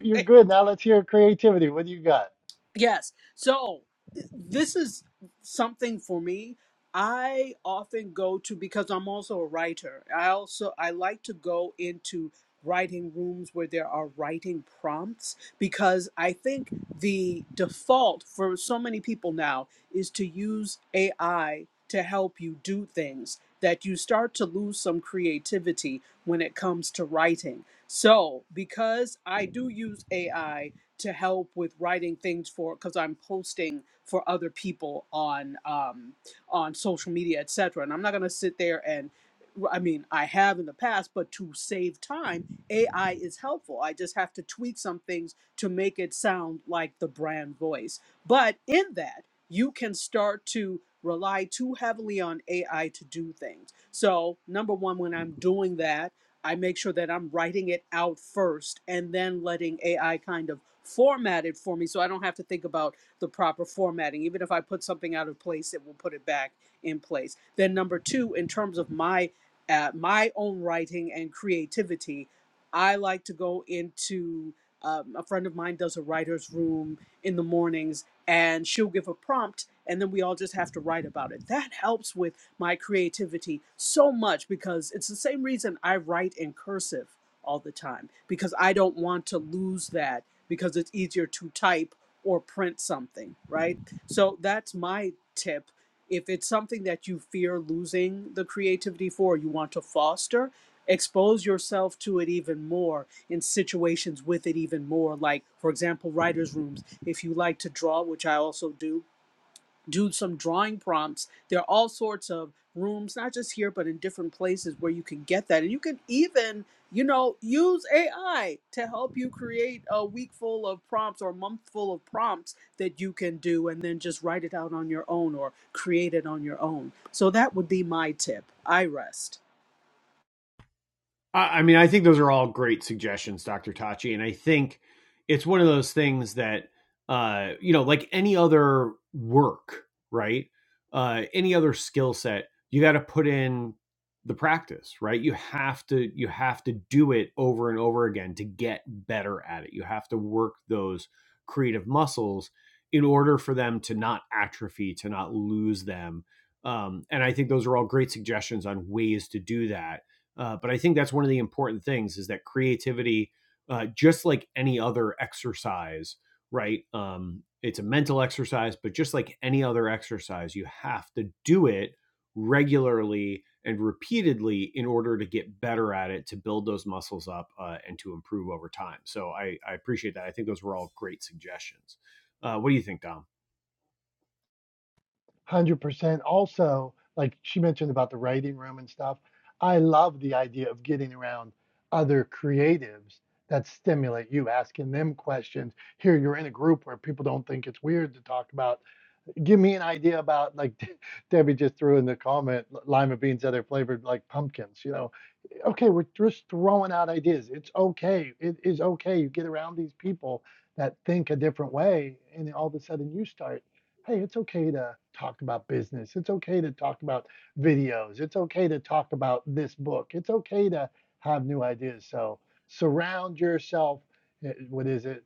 S1: You're
S7: Anyway.
S1: good. Now let's hear creativity. What do you got?
S7: Yes. So th- this is something for me. I often go to because I'm also a writer. I also I like to go into writing rooms where there are writing prompts because I think the default for so many people now is to use AI to help you do things that you start to lose some creativity when it comes to writing. So, because I do use AI to help with writing things for because I'm posting for other people on um, on social media, etc. And I'm not gonna sit there and I mean I have in the past, but to save time, AI is helpful. I just have to tweak some things to make it sound like the brand voice. But in that, you can start to rely too heavily on AI to do things. So number one, when I'm doing that I make sure that I'm writing it out first and then letting AI kind of format it for me so I don't have to think about the proper formatting. Even if I put something out of place, it will put it back in place. Then number 2 in terms of my uh, my own writing and creativity, I like to go into um, a friend of mine does a writer's room in the mornings and she'll give a prompt and then we all just have to write about it. That helps with my creativity so much because it's the same reason I write in cursive all the time because I don't want to lose that because it's easier to type or print something, right? So that's my tip. If it's something that you fear losing the creativity for, you want to foster, expose yourself to it even more in situations with it even more. Like, for example, writers' rooms. If you like to draw, which I also do, do some drawing prompts. There are all sorts of rooms, not just here, but in different places where you can get that. And you can even, you know, use AI to help you create a week full of prompts or a month full of prompts that you can do and then just write it out on your own or create it on your own. So that would be my tip. I rest.
S2: I mean, I think those are all great suggestions, Dr. Tachi. And I think it's one of those things that, uh, you know, like any other work, right? Uh, any other skill set, you got to put in the practice, right? You have to, you have to do it over and over again to get better at it. You have to work those creative muscles in order for them to not atrophy, to not lose them. Um, and I think those are all great suggestions on ways to do that uh, but I think that's one of the important things is that creativity, uh, just like any other exercise, right? Um, it's a mental exercise, but just like any other exercise, you have to do it regularly and repeatedly in order to get better at it, to build those muscles up, uh, and to improve over time. So I, I appreciate that. I think those were all great suggestions. Uh, what do you think, Dom?
S1: 100%. Also, like she mentioned about the writing room and stuff, I love the idea of getting around other creatives that stimulate you, asking them questions. Here, you're in a group where people don't think it's weird to talk about. Give me an idea about, like Debbie just threw in the comment, lima beans, other flavored like pumpkins. You know, okay, we're just throwing out ideas. It's okay. It is okay. You get around these people that think a different way, and all of a sudden you start, hey, it's okay to talk about business. It's okay to talk about videos. It's okay to talk about this book. It's okay to have new ideas. So surround yourself. eh, What is it?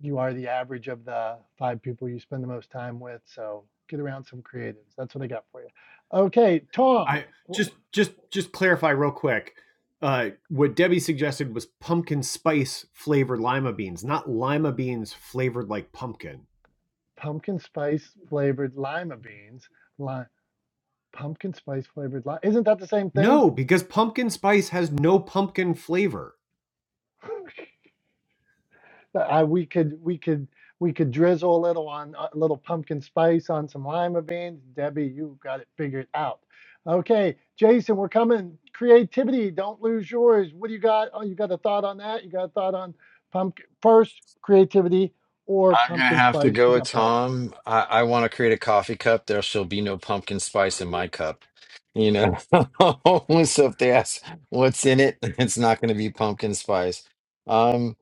S1: You are the average of the five people you spend the most time with. So get around some creatives. That's what I got for you. Okay, Tom.
S2: I just just just clarify real quick. Uh, what Debbie suggested was pumpkin spice flavored lima beans, not lima beans flavored like pumpkin.
S1: pumpkin spice flavored lima beans. Li- pumpkin spice flavored lima. Isn't that the same thing?
S2: No, because pumpkin spice has no pumpkin flavor.
S1: I, we could we could we could drizzle a little on uh, a little pumpkin spice on some lima beans. Debbie, you got it figured out. Okay, Jason, we're coming. Creativity, don't lose yours. What do you got? Oh, you got a thought on that? You got a thought on pumpkin first creativity or
S5: I'm gonna
S1: pumpkin
S5: have to
S1: spice? You
S5: go with
S1: got both.
S5: Tom. I, I want to create a coffee cup. There shall be no pumpkin spice in my cup. You know, so if they ask what's in it, it's not gonna be pumpkin spice. Um,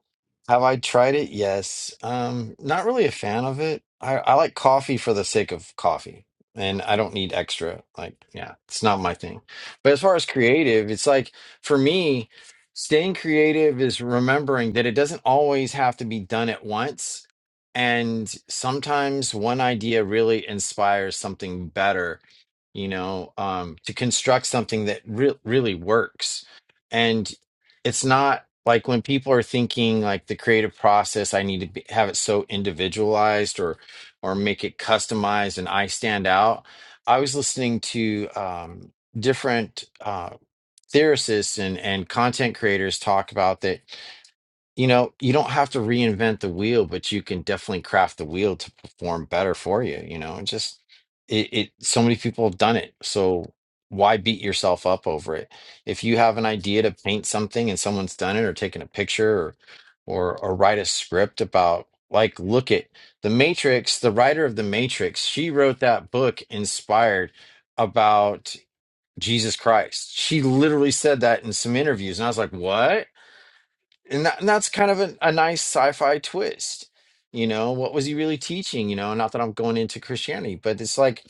S5: Have I tried it? Yes. Um, not really a fan of it. I, I like coffee for the sake of coffee, and I don't need extra. Like, yeah, it's not my thing. But as far as creative, it's like for me, staying creative is remembering that it doesn't always have to be done at once. And sometimes one idea really inspires something better, you know, um, to construct something that re really works. And it's not like when people are thinking like the creative process i need to be, have it so individualized or or make it customized and i stand out i was listening to um different uh theorists and and content creators talk about that you know, you don't have to reinvent the wheel, but you can definitely craft the wheel to perform better for you. You know, and just it, it so many people have done it. So why beat yourself up over it? If you have an idea to paint something and someone's done it or taken a picture or or or write a script about like look at The Matrix, the writer of The Matrix, she wrote that book inspired about Jesus Christ. She literally said that in some interviews. And I was like, what? and, that, and that's kind of a, a nice sci-fi twist you know what was he really teaching you know not that i'm going into christianity but it's like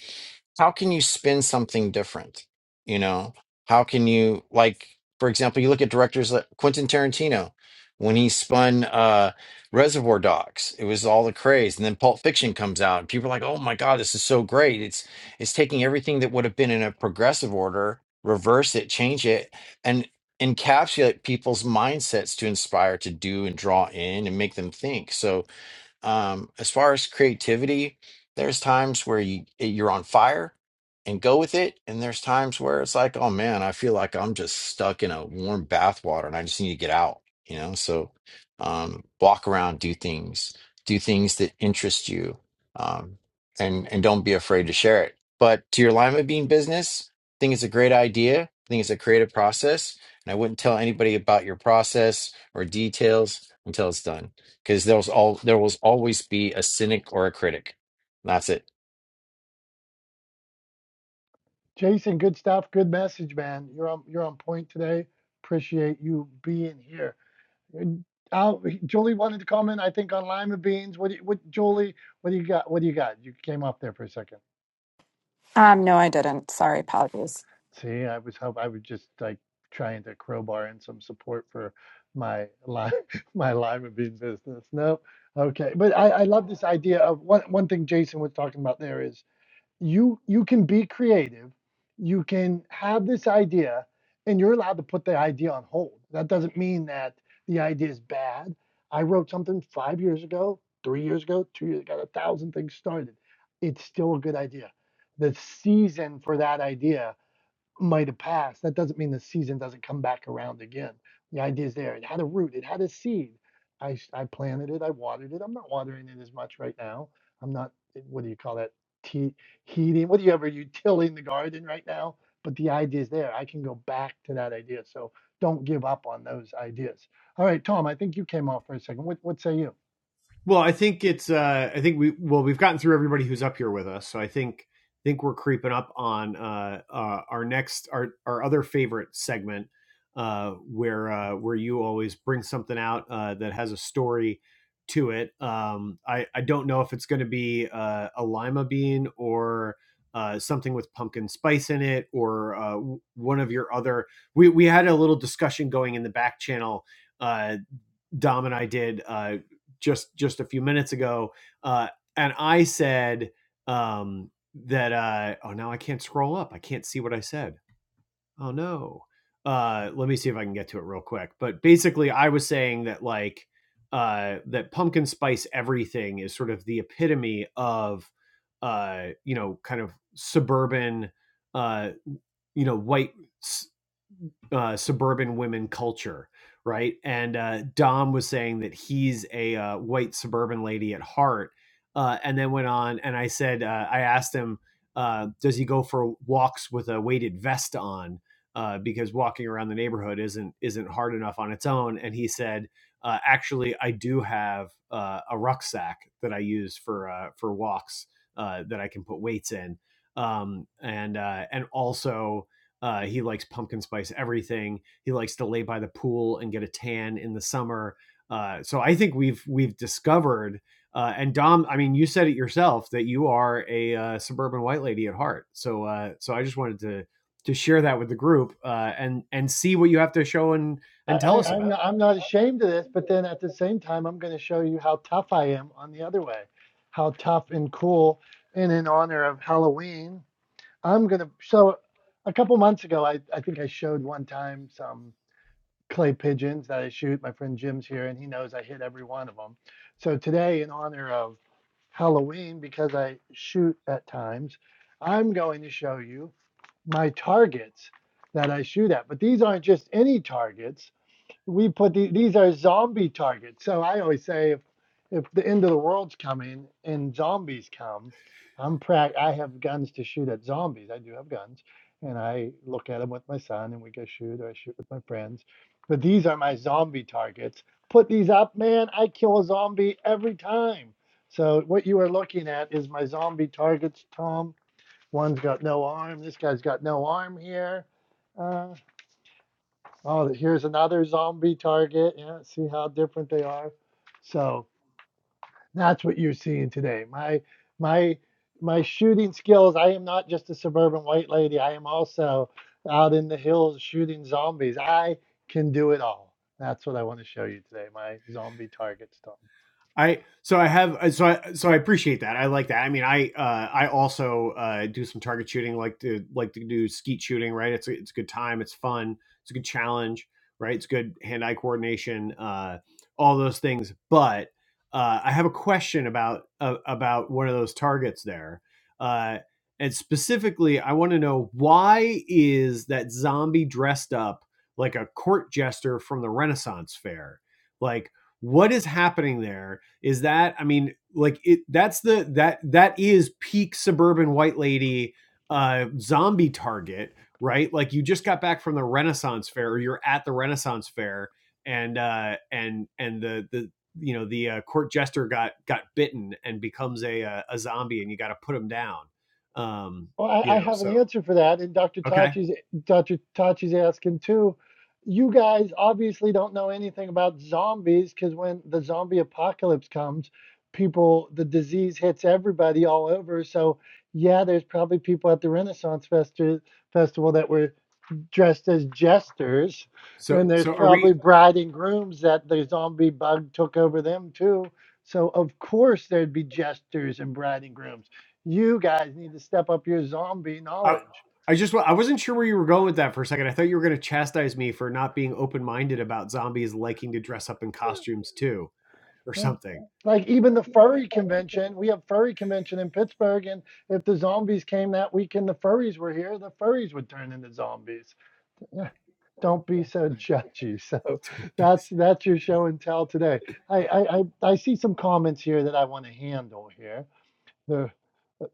S5: how can you spin something different you know how can you like for example you look at directors like quentin tarantino when he spun uh reservoir dogs it was all the craze and then pulp fiction comes out and people are like oh my god this is so great it's it's taking everything that would have been in a progressive order reverse it change it and encapsulate people's mindsets to inspire to do and draw in and make them think. So um, as far as creativity, there's times where you eh, you're on fire and go with it, and there's times where it's like, oh man, I feel like I'm just stuck in a warm bath water and I just need to get out, you know? So um, walk around, do things, do things that interest you, um, and and don't be afraid to share it. But to your lima bean business, I think it's a great idea. I think it's a creative process, and I wouldn't tell anybody about your process or details until it's done because there's all there will always be a cynic or a critic. That's it.
S1: Jason, good stuff. Good message, man. You're on you're on point today. Appreciate you being here. And, Uh, Jolie wanted to comment, I think, on lima beans. What do you, what Jolie? What do you got? What do you got? You came off there for a second.
S4: Um, no, I didn't. Sorry, apologies.
S1: See, I was hope I was just like trying to crowbar in some support for my lime my lima bean business. No, okay, but I, I love this idea of one one thing Jason was talking about there is you you can be creative you can have this idea and you're allowed to put the idea on hold that doesn't mean that the idea is bad i wrote something five years ago three years ago two years ago, got a thousand things started it's still a good idea the season for that idea might have passed, that doesn't mean the season doesn't come back around again. The idea's there. It had a root. It had a seed. I s- I planted it. I watered it. I'm not watering it as much right now. I'm not. eh, What do you call that? Tea, heating. What do you ever you tilling the garden right now? But the idea is there. I can go back to that idea. So don't give up on those ideas. All right, Tom. I think you came off for a second. What what say you?
S2: Well, I think it's. Uh, I think we well we've gotten through everybody who's up here with us, so I think think we're creeping up on uh, uh, our next our our other favorite segment, uh, where uh, where you always bring something out uh, that has a story to it. Um, I I don't know if it's going to be uh, a lima bean or. Uh, something with pumpkin spice in it, or uh, one of your other. We we had a little discussion going in the back channel uh, Dom and I did uh, just just a few minutes ago, uh, and I said um, that. Uh, oh, now I can't scroll up. I can't see what I said. Oh no. Uh, let me see if I can get to it real quick. But basically, I was saying that like uh, that pumpkin spice everything is sort of the epitome of uh, you know kind of suburban uh, you know white S- uh, suburban women culture, right? And uh, Dom was saying that he's a uh, white suburban lady at heart, uh, and then went on. And I said, uh, I asked him, uh, does he go for walks with a weighted vest on? Uh, because walking around the neighborhood isn't isn't hard enough on its own. And he said, uh, actually, I do have uh, a rucksack that I use for uh, for walks uh, that I can put weights in. Um, and uh, and also uh, he likes pumpkin spice everything. He likes to lay by the pool and get a tan in the summer. Uh, so I think we've we've discovered. Uh, and Dom, I mean, you said it yourself that you are a uh, suburban white lady at heart. So uh, so I just wanted to to share that with the group uh, and and see what you have to show and
S1: I,
S2: and tell us
S1: I, I'm
S2: about.
S1: not, I'm not ashamed of this, but then at the same time, I'm going to show you how tough I am on the other way, how tough and cool. And in honor of Halloween, I'm going to. So a couple months ago, I, I think I showed one time some clay pigeons that I shoot. My friend Jim's here, and he knows I hit every one of them. So today, in honor of Halloween, because I shoot at times, I'm going to show you my targets that I shoot at. But these aren't just any targets we put the, these are zombie targets. So I always say if if the end of the world's coming and zombies come, I'm prac. I have guns to shoot at zombies. I do have guns, and I look at them with my son, and we go shoot, or I shoot with my friends. But these are my zombie targets. Put these up, man. I kill a zombie every time. So what you are looking at is my zombie targets, Tom. One's got no arm. This guy's got no arm here. Uh, Oh, here's another zombie target. Yeah, see how different they are. So that's what you're seeing today. My my my shooting skills. I am not just a suburban white lady. I am also out in the hills shooting zombies. I can do it all. That's what I want to show you today. My zombie target stuff.
S2: I so I have uh, so I so I appreciate that. I like that. I mean, I uh, I also uh, do some target shooting, like to like to do skeet shooting. Right, it's a, it's a good time. It's fun. It's a good challenge. Right, it's good hand eye coordination. Uh, all those things. But uh, I have a question about uh, about one of those targets there. Uh, and specifically, I want to know why is that zombie dressed up like a court jester from the Renaissance fair? Like, what is happening there? is that i mean like it that's the that that is peak suburban white lady uh zombie target right like you just got back from the renaissance fair or you're at the renaissance fair and uh and and the the you know the uh, court jester got got bitten and becomes a a, a zombie and you got to put him down um
S1: Well,
S2: you
S1: I, I
S2: know
S1: have
S2: so
S1: an answer for that, and Dr.
S2: okay
S1: Tachi's Dr. Tachi's asking too. You guys obviously don't know anything about zombies because when the zombie apocalypse comes, people the disease hits everybody all over. So yeah, there's probably people at the Renaissance Festi- festival that were dressed as jesters,
S2: so
S1: and there's
S2: so are we
S1: probably bride and grooms that the zombie bug took over them too. So of course there'd be jesters and bride and grooms. You guys need to step up your zombie
S2: I,
S1: knowledge.
S2: I just I wasn't sure where you were going with that for a second. I thought you were going to chastise me for not being open minded about zombies liking to dress up in costumes too, or
S1: Yeah.
S2: something.
S1: Like even the furry convention, we have furry convention in Pittsburgh, and if the zombies came that weekend, the furries were here, the furries would turn into zombies. don't be so judgy. So that's that's your show and tell today. I I, I, I see some comments here that I want to handle here. The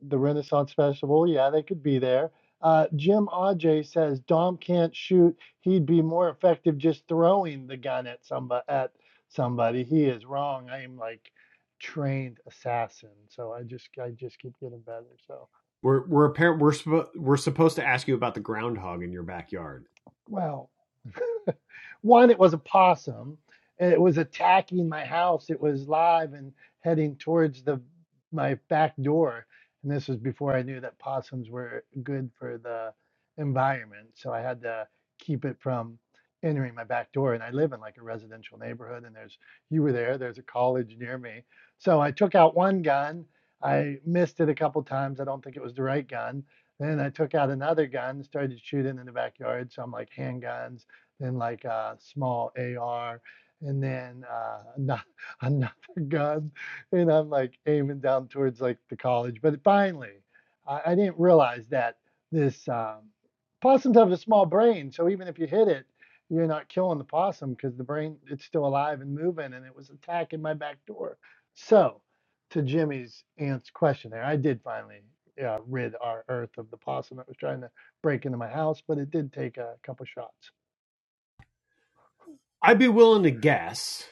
S1: the Renaissance Festival, yeah, they could be there. Uh, Jim Aj says Dom can't shoot. He'd be more effective just throwing the gun at somebody. At somebody, he is wrong. I am like trained assassin, so I just I just keep getting better. So
S2: We're we're apparent we're we're supposed to ask you about the groundhog in your backyard.
S1: wow, One, it was a possum. and It was attacking my house. It was live and heading towards the my back door. And this was before I knew that possums were good for the environment. So I had to keep it from entering my back door. And I live in like a residential neighborhood. And there's you were there. There's a college near me. So I took out one gun. I missed it a couple times. I don't think it was the right gun. Then I took out another gun, started shooting in the backyard. So I'm like handguns then like a small AR, and then uh, ano- another gun, and I'm like aiming down towards like the college. But finally, I, I didn't realize that this um, possums have a small brain, so even if you hit it, you're not killing the possum because the brain it's still alive and moving, and it was attacking my back door. So, to Jimmy's aunt's question there, I did finally uh, rid our earth of the possum that was trying to break into my house, but it did take a couple shots.
S2: I'd be willing to guess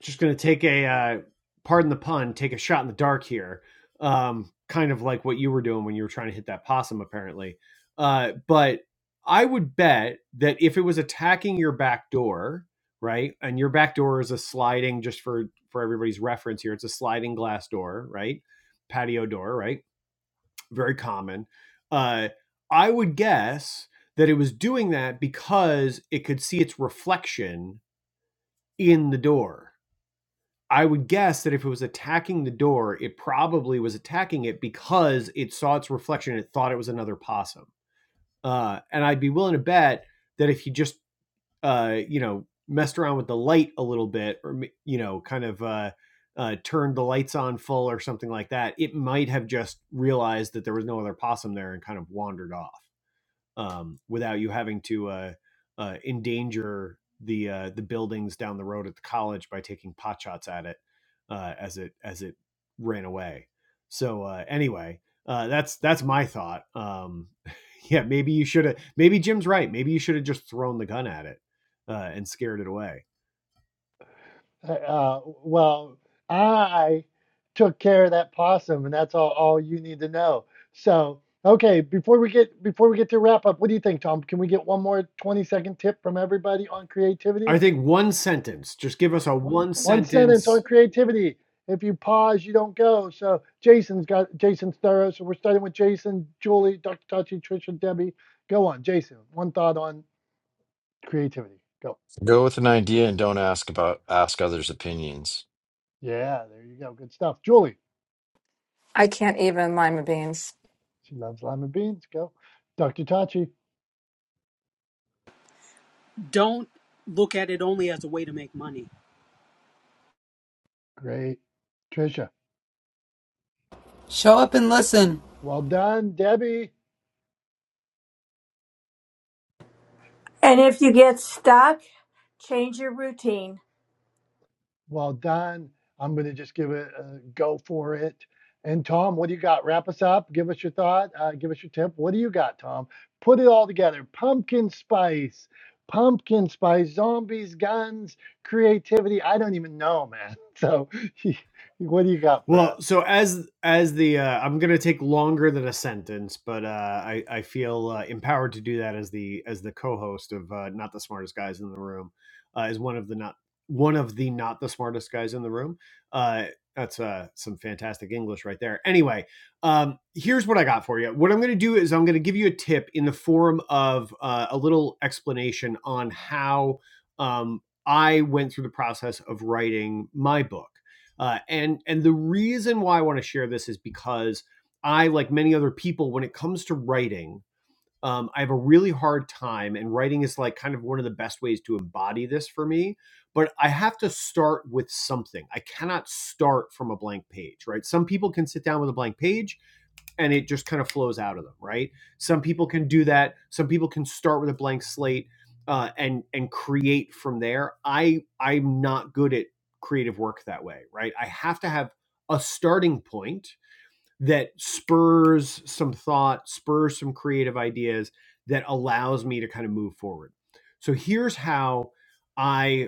S2: just going to take a uh, pardon the pun, take a shot in the dark here. Um, kind of like what you were doing when you were trying to hit that possum, apparently. Uh, but I would bet that if it was attacking your back door, right, and your back door is a sliding, just for for everybody's reference here, it's a sliding glass door, right, patio door, right, very common. Uh, I would guess that it was doing that because it could see its reflection in the door I would guess that if it was attacking the door, it probably was attacking it because it saw its reflection and it thought it was another possum. Uh, and I'd be willing to bet that if you just, uh, you know, messed around with the light a little bit or, you know, kind of uh, uh, turned the lights on full or something like that, it might have just realized that there was no other possum there and kind of wandered off um, without you having to uh, uh, endanger the uh, the buildings down the road at the college by taking pot shots at it uh, as it as it ran away. So uh, anyway, uh, that's that's my thought. Um, yeah, maybe you should have. Maybe Jim's right. Maybe you should have just thrown the gun at it uh, and scared it away.
S1: Uh, well, I took care of that possum, and that's all, all you need to know. So, okay, before we get before we get to wrap up, what do you think, Tom? Can we get one more 20 second tip from everybody on
S2: I
S1: creativity?
S2: think one sentence. Just give us a one
S1: One sentence on
S2: sentence.
S1: creativity. If you pause, you don't go. So Jason's got Jason's thorough. So we're starting with Jason, Julie, Dr. Tachi, Trisha, Debbie. Go on, Jason. One thought on creativity. Go.
S5: Go with an idea and don't ask about ask others' opinions.
S1: Yeah, there you go. Good stuff. Julie. She loves lima beans. Go. Dr. Tachi.
S7: Don't look at it only as a way to make money.
S1: Great. Trisha,
S6: Show up and listen.
S1: well done. Debbie,
S3: and if you get stuck change your routine
S1: well done. I'm going to just give it a go for it. And Tom, what do you got? Wrap us up. Give us your thought. Uh, give us your tip. What do you got, Tom? Put it all together pumpkin spice, pumpkin spice, zombies, guns, creativity. I don't even know, man. So, what do you got for
S2: Well,
S1: us?
S2: so as as the uh, I'm gonna take longer than a sentence, but uh, I I feel uh, empowered to do that as the as the co-host of uh, not the smartest guys in the room, uh, is one of the not one of the not the smartest guys in the room. Uh, that's uh, some fantastic English right there. Anyway, um, here's what I got for you. What I'm gonna do is I'm gonna give you a tip in the form of uh, a little explanation on how um, I went through the process of writing my book. Uh, and and the reason why I want to share this is because I, like many other people, when it comes to writing, um, I have a really hard time, and writing is like kind of one of the best ways to embody this for me. But I have to start with something. I cannot start from a blank page, right? Some people can sit down with a blank page and it just kind of flows out of them, right? Some people can do that. Some people can start with a blank slate uh, and and create from there. I I'm not good at creative work that way, right? I have to have a starting point that spurs some thought, spurs some creative ideas that allows me to kind of move forward. So here's how I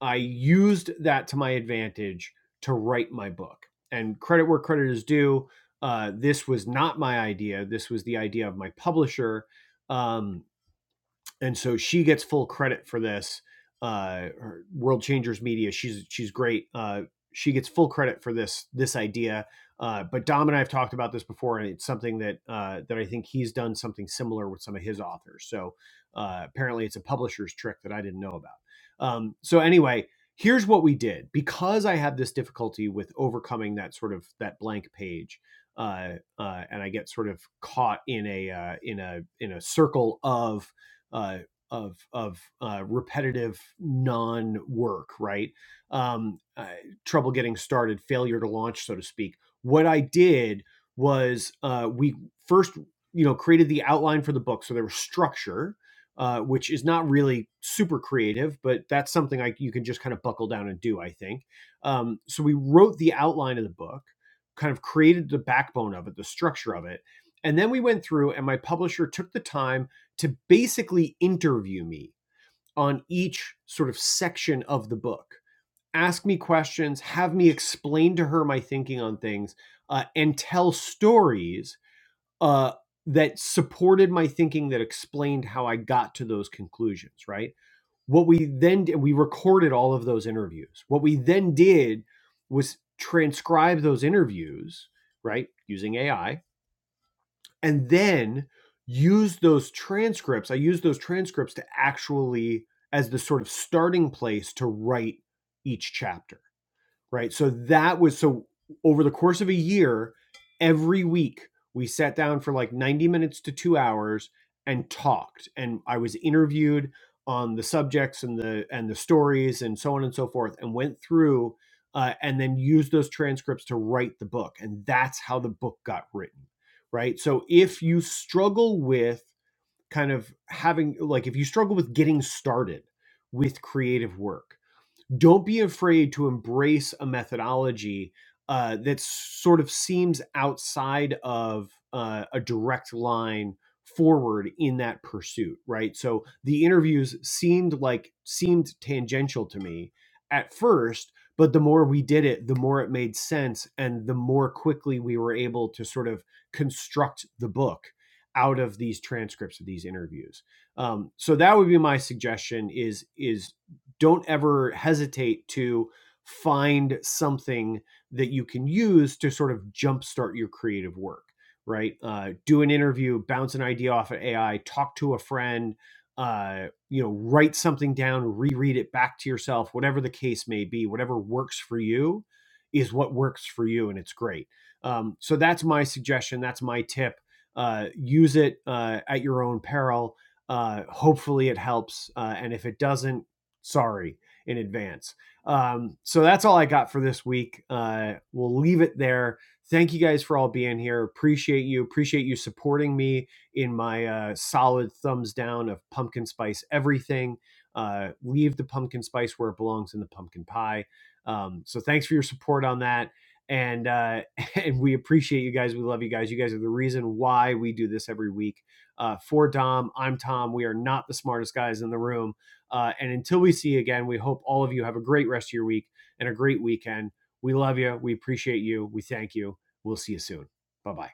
S2: I used that to my advantage to write my book. And credit where credit is due, uh, this was not my idea. This was the idea of my publisher. Um, and so she gets full credit for this. Uh, World Changers Media, she's she's great. Uh, she gets full credit for this this idea. Uh, but Dom and I have talked about this before, and it's something that uh, that I think he's done something similar with some of his authors. So uh, apparently, it's a publisher's trick that I didn't know about. Um, so anyway, here's what we did because I had this difficulty with overcoming that sort of that blank page. Uh, uh, and I get sort of caught in a uh, in a in a circle of uh, of of uh, repetitive non work, right? Um, uh, trouble getting started, failure to launch, so to speak. What I did was uh, we first, you know, created the outline for the book, so there was structure. Uh, which is not really super creative, but that's something I, you can just kind of buckle down and do, I think. Um, so we wrote the outline of the book, kind of created the backbone of it, the structure of it. And then we went through, and my publisher took the time to basically interview me on each sort of section of the book, ask me questions, have me explain to her my thinking on things, uh, and tell stories uh, that supported my thinking that explained how I got to those conclusions, right? What we then did, we recorded all of those interviews. What we then did was transcribe those interviews, right, using AI and then use those transcripts. I use those transcripts to actually as the sort of starting place to write each chapter right? So that was so over the course of a year, every week we sat down for like 90 minutes to two hours and talked. And I was interviewed on the subjects and the and the stories and so on and so forth, and went through uh, and then used those transcripts to write the book. And that's how the book got written, right? So if you struggle with kind of having like if you struggle with getting started with creative work don't be afraid to embrace a methodology uh, that sort of seems outside of uh, a direct line forward in that pursuit right so the interviews seemed like seemed tangential to me at first but the more we did it the more it made sense and the more quickly we were able to sort of construct the book out of these transcripts of these interviews um, so that would be my suggestion is is don't ever hesitate to find something that you can use to sort of jumpstart your creative work right uh, do an interview bounce an idea off of ai talk to a friend uh, you know write something down reread it back to yourself whatever the case may be whatever works for you is what works for you and it's great um, so that's my suggestion that's my tip uh, use it uh, at your own peril uh, hopefully it helps uh, and if it doesn't sorry in advance. Um, so that's all I got for this week. Uh, we'll leave it there. Thank you guys for all being here. Appreciate you. Appreciate you supporting me in my uh, solid thumbs down of pumpkin spice everything. Uh, leave the pumpkin spice where it belongs in the pumpkin pie. Um, so thanks for your support on that. And uh, and we appreciate you guys. We love you guys. You guys are the reason why we do this every week. Uh, for Dom, I'm Tom. We are not the smartest guys in the room uh, and until we see you again, we hope all of you have a great rest of your week and a great weekend. We love you. We appreciate you. We thank you. We'll see you soon. Bye bye.